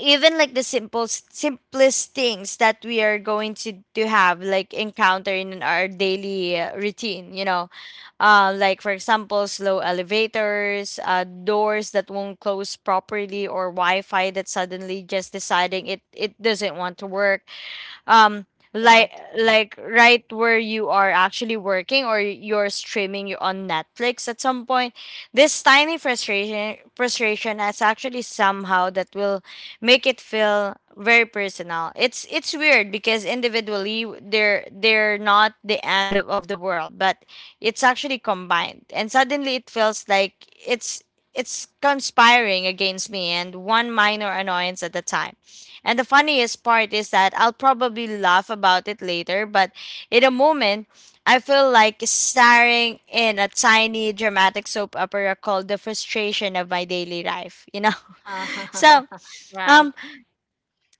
Speaker 1: even like the simple simplest things that we are going to have like encounter in our daily routine, like for example, slow elevators, doors that won't close properly, or Wi-Fi that suddenly just deciding it doesn't want to work. um like
Speaker 2: Right.
Speaker 1: right where you are actually working or you're streaming you on Netflix at some point, this tiny frustration is actually somehow that will make it feel very personal. It's weird because individually they're not the end of the world, but it's actually combined and suddenly it feels like it's conspiring against me, and one minor annoyance at a time. And the funniest part is that I'll probably laugh about it later, but in a moment, I feel like staring in a tiny dramatic soap opera called The Frustration of My Daily Life, you know? So,
Speaker 2: Right.
Speaker 1: um,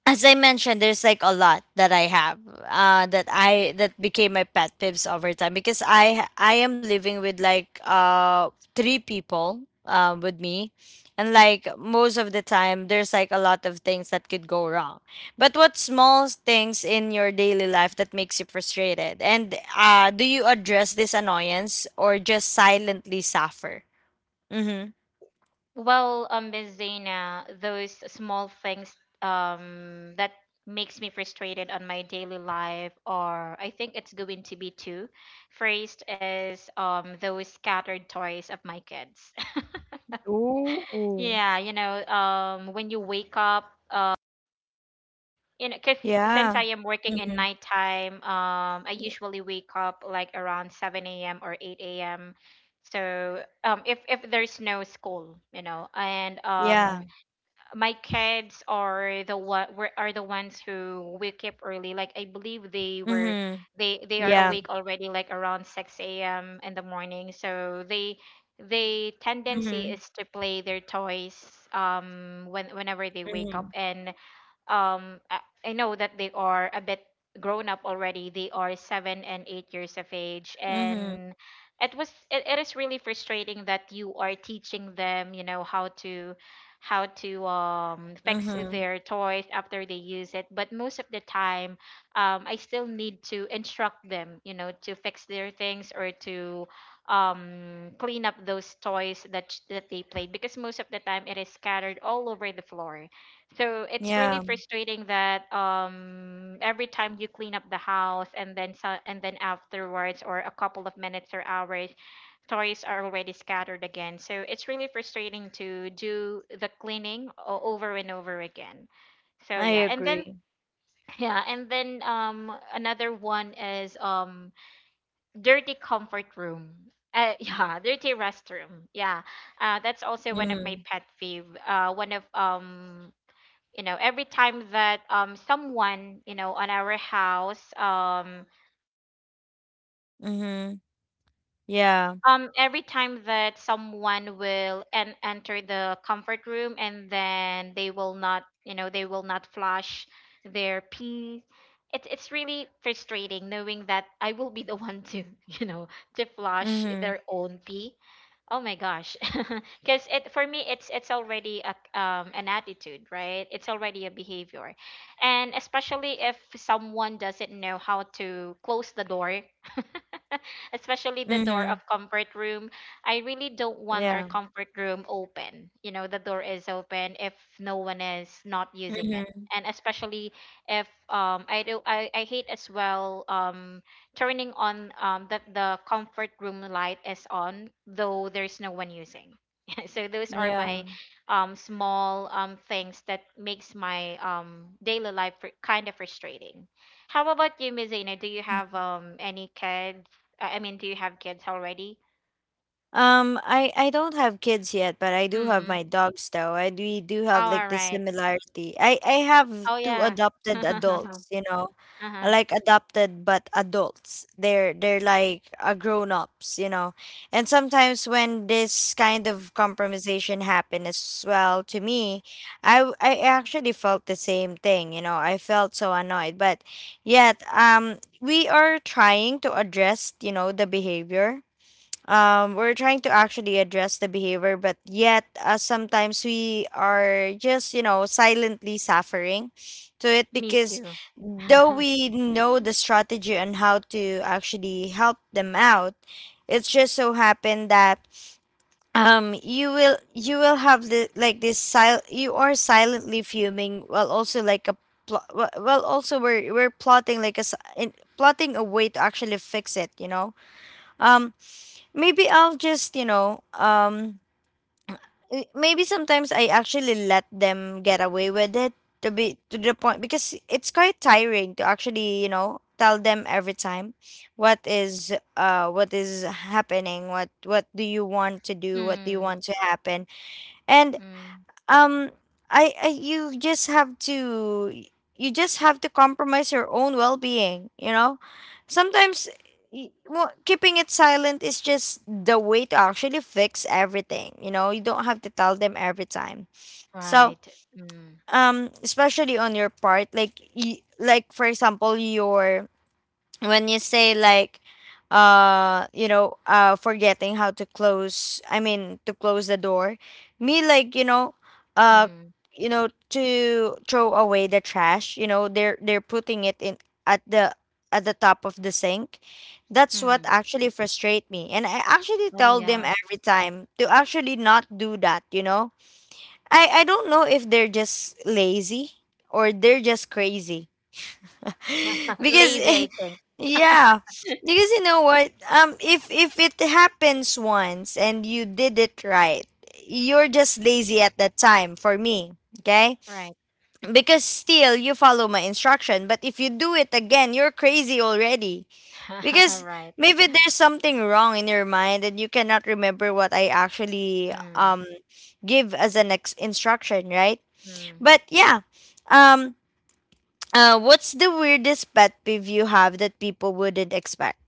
Speaker 1: as I mentioned, there's like a lot that I have that became my pet peeves over time because I am living with like three people with me, and like most of the time there's like a lot of things that could go wrong. But what small things in your daily life that makes you frustrated, and do you address this annoyance or just silently suffer? Mm-hmm.
Speaker 2: Well, Miss Zena, those small things that makes me frustrated on my daily life, or I think it's going to be two. First is, those scattered toys of my kids.
Speaker 1: Ooh,
Speaker 2: Yeah, you know, when you wake up, you know, 'cause since
Speaker 1: yeah.
Speaker 2: I am working in
Speaker 1: Mm-hmm.
Speaker 2: nighttime, I usually wake up like around 7 a.m. or 8 a.m. So, if there's no school, you know, and
Speaker 1: Yeah.
Speaker 2: my kids are the ones who wake up early. Like I believe they were
Speaker 1: Mm-hmm.
Speaker 2: they are
Speaker 1: Yeah.
Speaker 2: awake already, like around 6 a.m. in the morning. So they tendency
Speaker 1: Mhm.
Speaker 2: is to play their toys whenever they wake up.
Speaker 1: Mhm.
Speaker 2: And um I, I know that they are a bit grown up already. They are 7 and 8 years of age,
Speaker 1: Mhm.
Speaker 2: and it is really frustrating that you are teaching them, how to fix
Speaker 1: Mhm.
Speaker 2: their toys after they use it. But most of the time, I still need to instruct them, to fix their things or to, clean up those toys that they played, because most of the time it is scattered all over the floor. So it's really
Speaker 1: Yeah.
Speaker 2: frustrating that, every time you clean up the house, and then— and then afterwards or a couple of minutes or hours, toys are already scattered again. So it's really frustrating to do the cleaning over and over again. So
Speaker 1: I
Speaker 2: yeah, and then
Speaker 1: agree.
Speaker 2: yeah. And then, another one is, dirty comfort room. Yeah, dirty restroom. Yeah, that's also one of my
Speaker 1: Mhm.
Speaker 2: pet peeve. One of you know, every time that, someone, on our house,
Speaker 1: Mhm. Yeah.
Speaker 2: every time that someone will enter the comfort room, and then they will not flush their pee. It's really frustrating knowing that I will be the one to to flush
Speaker 1: Mhm.
Speaker 2: their own pee. Oh my gosh. Because, it for me, it's already a an attitude, right? It's already a behavior. And especially if someone doesn't know how to close the door, especially the door of
Speaker 1: Mhm.
Speaker 2: comfort room. I really don't want our
Speaker 1: Yeah.
Speaker 2: comfort room open, you know, the door is open if no one is not using it.
Speaker 1: Mhm.
Speaker 2: And especially if, I hate as well, turning on, that the comfort room light is on though there's no one using. So those are
Speaker 1: Yeah.
Speaker 2: my, small, things that makes my, daily life kind of frustrating. How about you, Mizina? Do you have, any kids— I mean, do you have kids already?
Speaker 1: I don't have kids yet, but I do have
Speaker 2: Mm.
Speaker 1: my dogs though. I do we do
Speaker 2: Oh,
Speaker 1: have
Speaker 2: all
Speaker 1: like the
Speaker 2: right.
Speaker 1: similarity. I have
Speaker 2: Oh,
Speaker 1: two
Speaker 2: yeah.
Speaker 1: adopted
Speaker 2: Uh-huh.
Speaker 1: adults, you know, like adopted but adults. They're like grown ups, you know. And sometimes when this kind of compromisation happened as well to me, I actually felt the same thing, you know. I felt so annoyed, but yet we are trying to address, you know, the behavior. We're trying to actually address the behavior, but yet sometimes we are just, you know, silently suffering to it
Speaker 2: Me
Speaker 1: because
Speaker 2: too.
Speaker 1: though we know the strategy on how to actually help them out, it's just so happened that you will have the like this sil you are silently fuming while also like a pl- well also we're plotting like a plotting a way to actually fix it, you know. Um, Maybe I'll just, you know, maybe sometimes I actually let them get away with it, to be to the point because it's quite tiring to actually, you know, tell them every time what is happening, what do you want to do, what do you
Speaker 2: Mm.
Speaker 1: want to happen. And
Speaker 2: Mm.
Speaker 1: um I you just have to you just have to compromise your own well-being, you know, sometimes. Well, keeping it silent is just the way to actually fix everything, you know. You don't have to tell them every time. So
Speaker 2: Right. Mm.
Speaker 1: especially on your part, like like for example your, when you say like you know forgetting how to close, I mean to close the door. Me, like, you know, uh
Speaker 2: Mm.
Speaker 1: you know, to throw away the trash, you know, they're putting it in at the top of the sink. That's what
Speaker 2: Mm.
Speaker 1: actually frustrate me, and I actually
Speaker 2: Oh,
Speaker 1: tell them
Speaker 2: yeah.
Speaker 1: every time to actually not do that, you know. I don't know if they're just lazy or they're just crazy. Because
Speaker 2: Lazy, I think.
Speaker 1: yeah, because you know what, if it happens once and you did it right, you're just lazy at that time for me. Okay.
Speaker 2: Right.
Speaker 1: Because still you follow my instruction, but if you do it again, you're crazy already. Because
Speaker 2: Right.
Speaker 1: maybe there's something wrong in your mind and you cannot remember what I actually
Speaker 2: Mm.
Speaker 1: give as an instruction, right?
Speaker 2: Mm.
Speaker 1: But yeah. um what's the weirdest pet peeve you have that people wouldn't expect?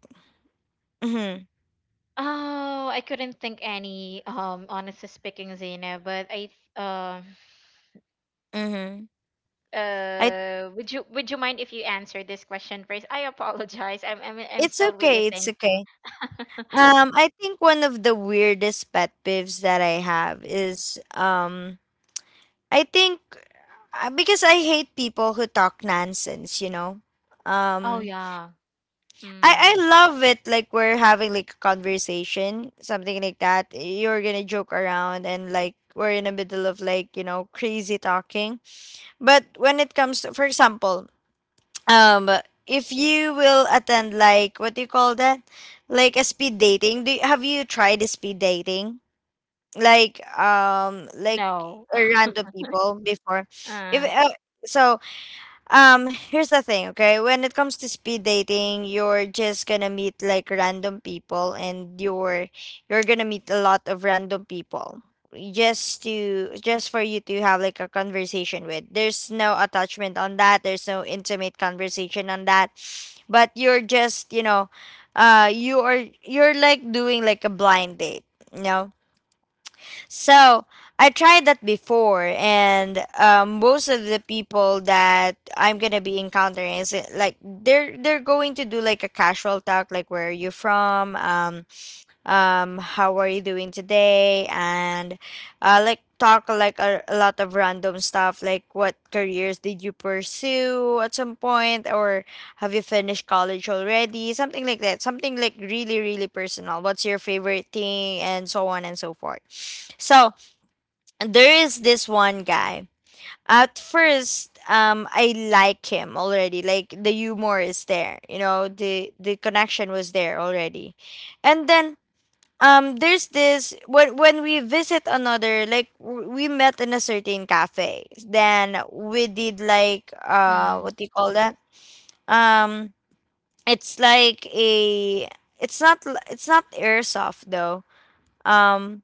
Speaker 1: Mm-hmm.
Speaker 2: Oh, I couldn't think any, honestly speaking, Zena, but th- um,
Speaker 1: Mm-hmm. I
Speaker 2: Would you mind if you answer this question first? I apologize. I'm
Speaker 1: it's
Speaker 2: still really
Speaker 1: okay, it's
Speaker 2: thinking.
Speaker 1: okay. I think one of the weirdest pet peeves that I have is I think because I hate people who talk nonsense, you know.
Speaker 2: Oh
Speaker 1: Um
Speaker 2: yeah.
Speaker 1: I
Speaker 2: Mm.
Speaker 1: love it, like we're having like a conversation, something like that. You're going to joke around and like we're in the middle of like, you know, crazy talking. But when it comes to, for example, um if you will attend like what do you call that, like a speed dating, do you, have you tried a speed dating, like
Speaker 2: No.
Speaker 1: a random people before? If
Speaker 2: Uh.
Speaker 1: so here's the thing, okay? When it comes to speed dating, you're just gonna meet like random people, and you're gonna meet a lot of random people, just to just for you to have like a conversation with. There's no attachment on that, there's no intimate conversation on that. But you're just, you know, you're like doing like a blind date. No, so I tried that before, and most of the people that I'm gonna be encountering is like they're going to do like a casual talk, like where are you from, how are you doing today, and like talk like a lot of random stuff, like what careers did you pursue at some point, or have you finished college already, something like that, something like really really personal. What's your favorite thing, and so on and so forth. So there is this one guy. At first, I like him already. Like the humor is there, you know, the connection was there already, and then there's this when we visit another like we met in a certain cafe. Then we did like
Speaker 2: Mm.
Speaker 1: what do you call that? Um, it's like a it's not it's not airsoft though. Um,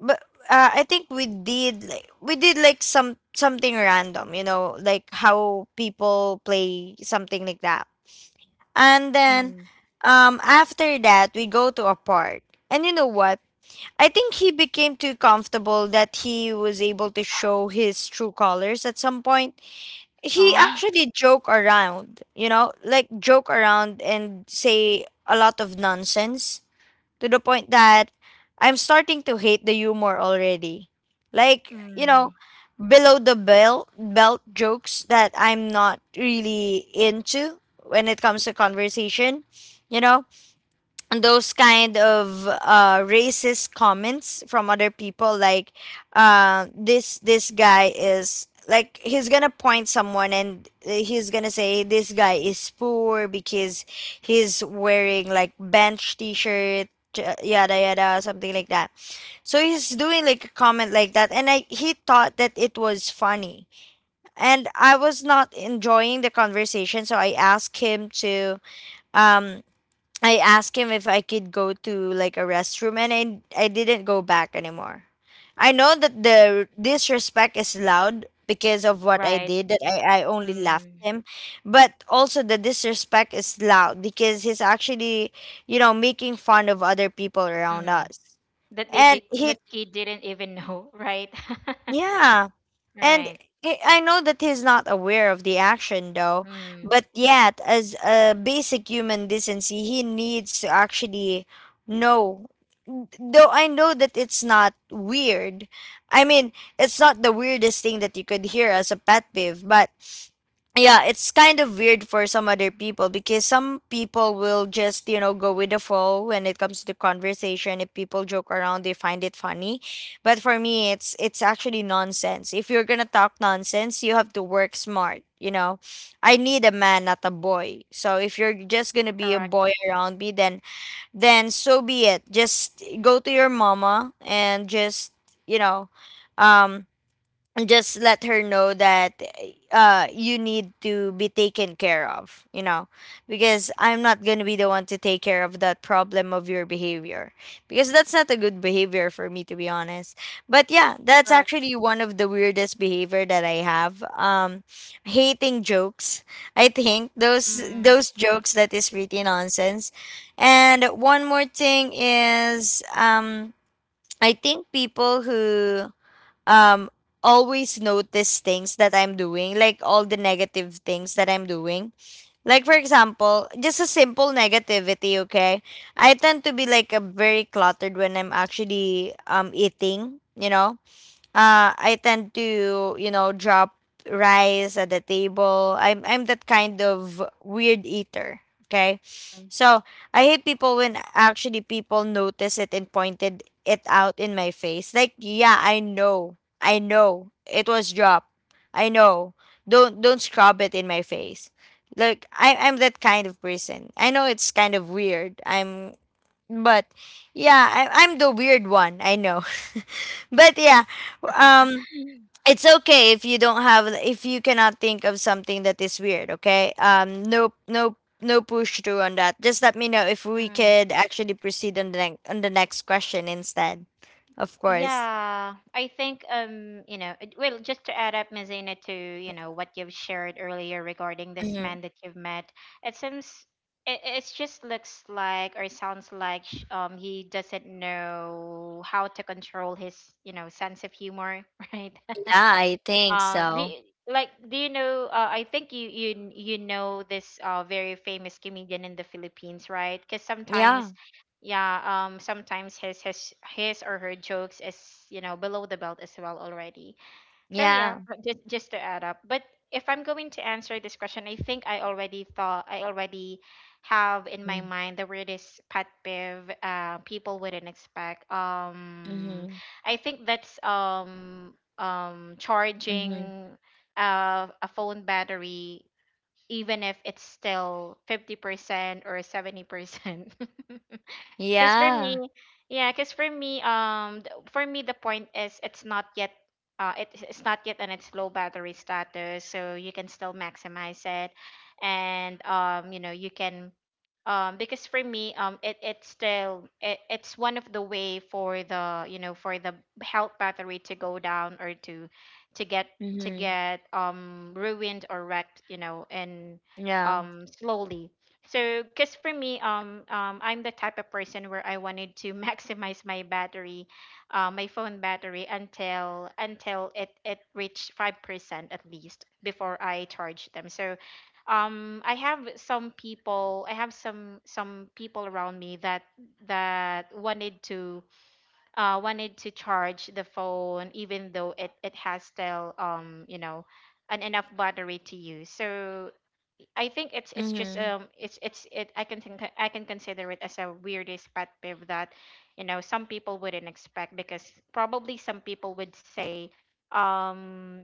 Speaker 1: but I think we did like some something random, you know, like how people play something like that. And then
Speaker 2: Mm.
Speaker 1: after that we go to a park. And you know what? I think he became too comfortable that he was able to show his true colors at some point. He
Speaker 2: Oh.
Speaker 1: actually joke around, you know, like joke around and say a lot of nonsense to the point that I'm starting to hate the humor already. Like, you know,
Speaker 2: Mm.
Speaker 1: below the belt jokes that I'm not really into when it comes to conversation, you know? Those kind of racist comments from other people, like this guy is like he's gonna point someone, and he's gonna say this guy is poor because he's wearing like bench t-shirt, yada yada something like that. So he's doing like a comment like that, and he thought that it was funny, and I was not enjoying the conversation, so I asked him to um I asked him if I could go to like a restroom, and I didn't go back anymore. I know that the disrespect is loud because of what I
Speaker 2: Right.
Speaker 1: did, that I only laughed
Speaker 2: Mm.
Speaker 1: him. But also the disrespect is loud because he's actually, you know, making fun of other people around
Speaker 2: Mm.
Speaker 1: us.
Speaker 2: That they
Speaker 1: And
Speaker 2: did.
Speaker 1: he
Speaker 2: That kid didn't even know. Right.
Speaker 1: yeah. And
Speaker 2: Right.
Speaker 1: I know that he's not aware of the action though,
Speaker 2: Mm.
Speaker 1: but yet, as a basic human decency, he needs to actually know. Though I know that it's not weird. I mean, it's not the weirdest thing that you could hear as a pet peeve, but yeah, it's kind of weird for some other people because some people will just, you know, go with the flow when it comes to conversation. If people joke around, they find it funny, but for me, it's actually nonsense. If you're gonna talk nonsense, you have to work smart. You know, I need a man, not a boy. So if you're just gonna be a
Speaker 2: Correct.
Speaker 1: boy around me, then so be it. Just go to your mama and just you know, um, just let her know that you need to be taken care of, you know. Because I'm not going to be the one to take care of that problem of your behavior, because that's not a good behavior, for me to be honest. But yeah, that's
Speaker 2: Correct.
Speaker 1: actually one of the weirdest behavior that I have, hating jokes. I think
Speaker 2: Mm.
Speaker 1: those jokes that is really nonsense. And one more thing is I think people who um always notice things that I'm doing, like all the negative things that I'm doing. Like for example, just a simple negativity, okay? I tend to be like a very cluttered when I'm actually eating, you know? I tend to, you know, drop rice at the table. I'm that kind of weird eater. Okay.
Speaker 2: Mm.
Speaker 1: So I hate people when actually people notice it and pointed it out in my face. Like, yeah, I know. I know. It was dropped. I know. Don't scrub it in my face. Like I'm that kind of person. I know it's kind of weird. I'm but yeah I'm the weird one, I know. But yeah, um it's okay if you don't have, if you cannot think of something that is weird. Okay, no no no push through on that. Just let me know if we could actually proceed on the next question instead. Of course.
Speaker 2: Yeah, I think, well, just to add up, Mazina, to, you know, what you've shared earlier regarding this
Speaker 1: Mm-hmm.
Speaker 2: man that you've met, it seems, it just looks like or sounds like, he doesn't know how to control his, sense of humor, right?
Speaker 1: Yeah, I think
Speaker 2: Uh, do
Speaker 1: so.
Speaker 2: you, like, do you know? I think you know this, very famous comedian in the Philippines, right? Because
Speaker 1: Yeah.
Speaker 2: sometimes, yeah, sometimes his or her jokes is, below the belt as well already. So yeah,
Speaker 1: Yeah.
Speaker 2: just to add up. But if I'm going to answer this question, I think I already have in my
Speaker 1: Mm-hmm.
Speaker 2: mind the weirdest pet peeve people wouldn't expect. I think that's,
Speaker 1: Mm-hmm.
Speaker 2: charging, a phone battery even if it's still 50% or 70%. Because for
Speaker 1: Yeah.
Speaker 2: me, yeah, because for me, For me the point is it's not yet, it's not yet on its low battery status, so you can still maximize it, and, because for me, it it's still it, it's one of the way for the you know for the health battery to go down or to get to
Speaker 1: Mm-hmm.
Speaker 2: get ruined or wrecked, you know, and
Speaker 1: Yeah.
Speaker 2: slowly so, because for me, I'm the type of person where I wanted to maximize my battery, my phone battery until it reached 5% at least before I charge them. So, I have some people— I have some people around me that wanted to, wanted to charge the phone even though it has still, an enough battery to use. So I think it's, just,
Speaker 1: Mm-hmm.
Speaker 2: it's it I can consider it as a weirdest pet peeve that, some people wouldn't expect, because probably some people would say, um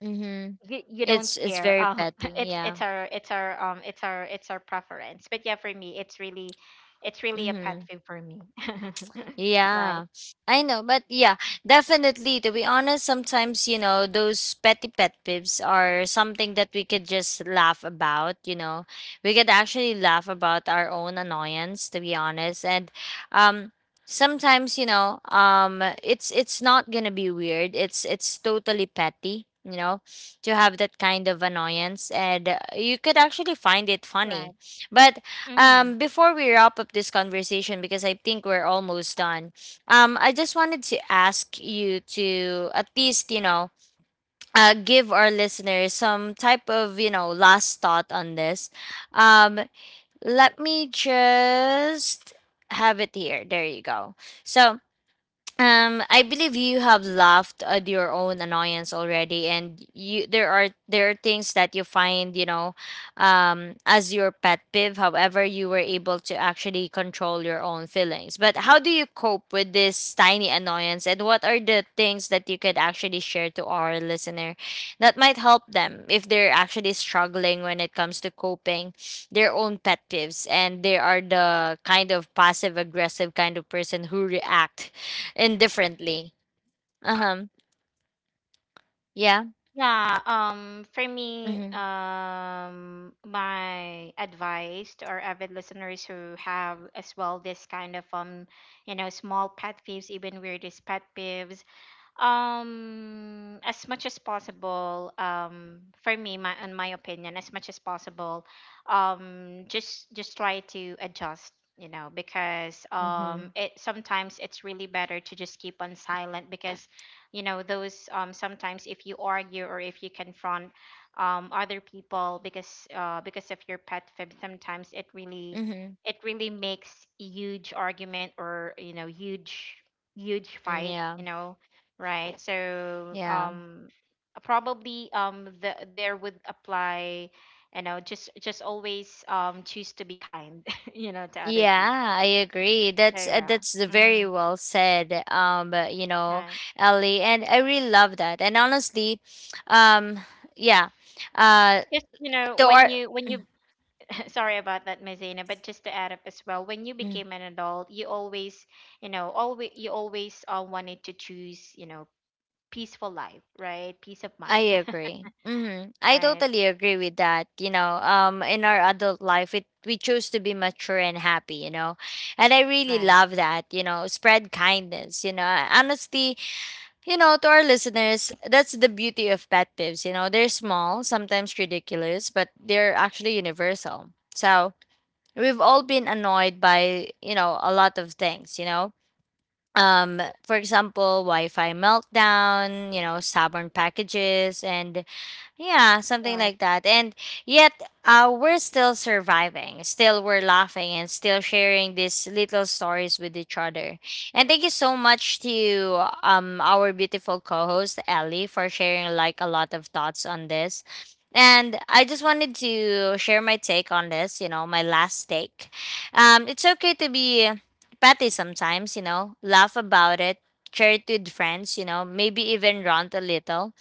Speaker 1: Mm-hmm.
Speaker 2: you
Speaker 1: It's
Speaker 2: don't
Speaker 1: it's
Speaker 2: care,
Speaker 1: very petty.
Speaker 2: it's,
Speaker 1: Yeah.
Speaker 2: our— it's our it's our it's our preference. But yeah, for me, it's really, a pet
Speaker 1: Mm-hmm.
Speaker 2: peeve for me. Right.
Speaker 1: Yeah, I know, but yeah, definitely. To be honest, sometimes, you know, those petty pet peeves are something that we could just laugh about. You know, we could actually laugh about our own annoyance, to be honest. And um, sometimes, it's not gonna be weird. It's totally petty. You know, to have that kind of annoyance. And you could actually find it
Speaker 2: Right.
Speaker 1: funny, but
Speaker 2: Hmm.
Speaker 1: before we wrap up this conversation, because I think we're almost done, I just wanted to ask you to at least, you know, give our listeners some type of, you know, last thought on this. Um, let me just have it here. There you go. So, I believe you have laughed at your own annoyance already, and you there are things that you find, you know, as your pet peeve. However, you were able to actually control your own feelings. But how do you cope with this tiny annoyance, and what are the things that you could actually share to our listener that might help them if they're actually struggling when it comes to coping their own pet peeves, and they are the kind of passive aggressive kind of person who react indifferently. Uh-huh. Yeah.
Speaker 2: Yeah, for me,
Speaker 1: Mhm.
Speaker 2: my advice to our avid listeners who have as well this kind of, you know, small pet peeves, even weirdest pet peeves, as much as possible, for me my in my opinion, as much as possible, just try to adjust, you know, because,
Speaker 1: Mhm.
Speaker 2: it sometimes it's really better to just keep on silent. Because, those sometimes if you argue or if you confront, other people because, because of your pet fib, sometimes it really,
Speaker 1: Mhm.
Speaker 2: makes huge argument, or, you know, huge huge
Speaker 1: Mm,
Speaker 2: fight,
Speaker 1: yeah.
Speaker 2: you know. Right. So,
Speaker 1: Yeah.
Speaker 2: probably, there would apply, you know, just always, choose to be kind, you know, to other
Speaker 1: Yeah,
Speaker 2: people.
Speaker 1: I
Speaker 2: So
Speaker 1: agree.
Speaker 2: yeah.
Speaker 1: That's
Speaker 2: Mm.
Speaker 1: very well said. But, you know,
Speaker 2: Right.
Speaker 1: Ellie, and I really love that. And honestly, um, yeah. Uh,
Speaker 2: Just, you know,
Speaker 1: to
Speaker 2: when
Speaker 1: our
Speaker 2: you sorry about that, Mazina, but just to add up as well, when you
Speaker 1: Mm,
Speaker 2: became an adult, you always, you know, always you always wanted to choose, you know, peaceful life, right? Peace of mind.
Speaker 1: I agree. Mm-hmm. I
Speaker 2: Right.
Speaker 1: totally agree with that. You know, in our adult life, it we choose to be mature and happy. You know, and I really
Speaker 2: Right.
Speaker 1: love that. You know, spread kindness. You know, honestly, you know, to our listeners, that's the beauty of pet peeves. You know, they're small, sometimes ridiculous, but they're actually universal. So we've all been annoyed by, you know, a lot of things, you know. For example, Wi Fi meltdown, you know, stubborn packages, and yeah, something
Speaker 2: Right.
Speaker 1: like that. And yet, we're still surviving. Still, we're laughing and still sharing these little stories with each other. And thank you so much to our beautiful co-host Ellie for sharing like a lot of thoughts on this. And I just wanted to share my take on this. You know, my last take. It's okay to be petty sometimes. You know, laugh about it. Share it with friends. You know, maybe even rant a little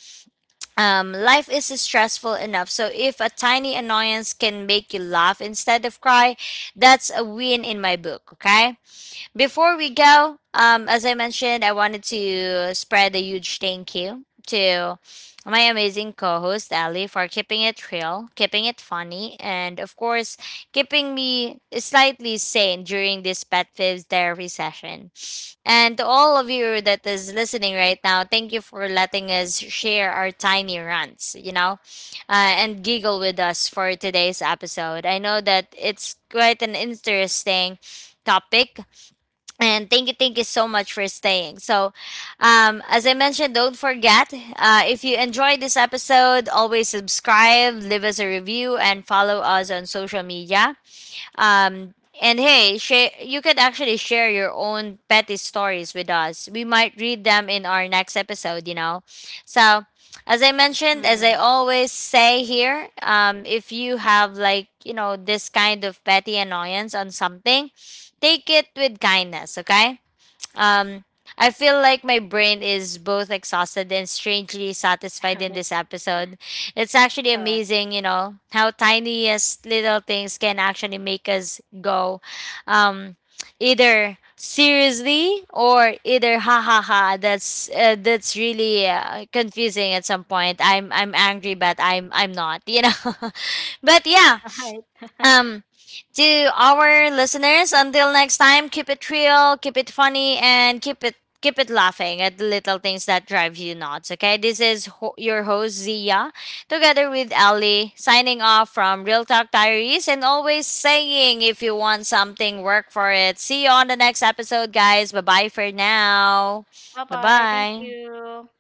Speaker 1: um, Life is stressful enough. So if a tiny annoyance can make you laugh instead of cry, that's a win in my book. Okay. Before we go, as I mentioned, I wanted to spread a huge thank you to my amazing co-host Ali for keeping it real, keeping it funny, and of course, keeping me slightly sane during this Pet Fibs therapy session. And to all of you that is listening right now, thank you for letting us share our tiny rants, you know, and giggle with us for today's episode. I know that it's quite an interesting topic, and thank you so much for staying. So, as I mentioned, don't forget, if you enjoyed this episode, always subscribe, leave us a review, and follow us on social media. Um, and hey, share, you can actually share your own petty stories with us. We might read them in our next episode, you know. So, as I mentioned, as I
Speaker 2: Mm.
Speaker 1: always say here, if you have like, you know, this kind of petty annoyance on something, take it with kindness, okay? Um, I feel like my brain is both exhausted and strangely satisfied in this episode. It's actually
Speaker 2: Correct.
Speaker 1: amazing, you know, how tiniest little things can actually make us go um, either seriously or either ha ha ha. That's really confusing at some point. I'm angry, but I'm not, you know. But yeah,
Speaker 2: Right.
Speaker 1: um, to our listeners, until next time, keep it real, keep it funny, and keep it laughing at the little things that drive you nuts. Okay, this is your host Zia, together with Ali, signing off from Real Talk Diaries, and always saying, if you want something, work for it. See you on the next episode, guys. Bye bye for now.
Speaker 2: Bye
Speaker 1: Bye
Speaker 2: bye. Thank
Speaker 1: bye.
Speaker 2: you.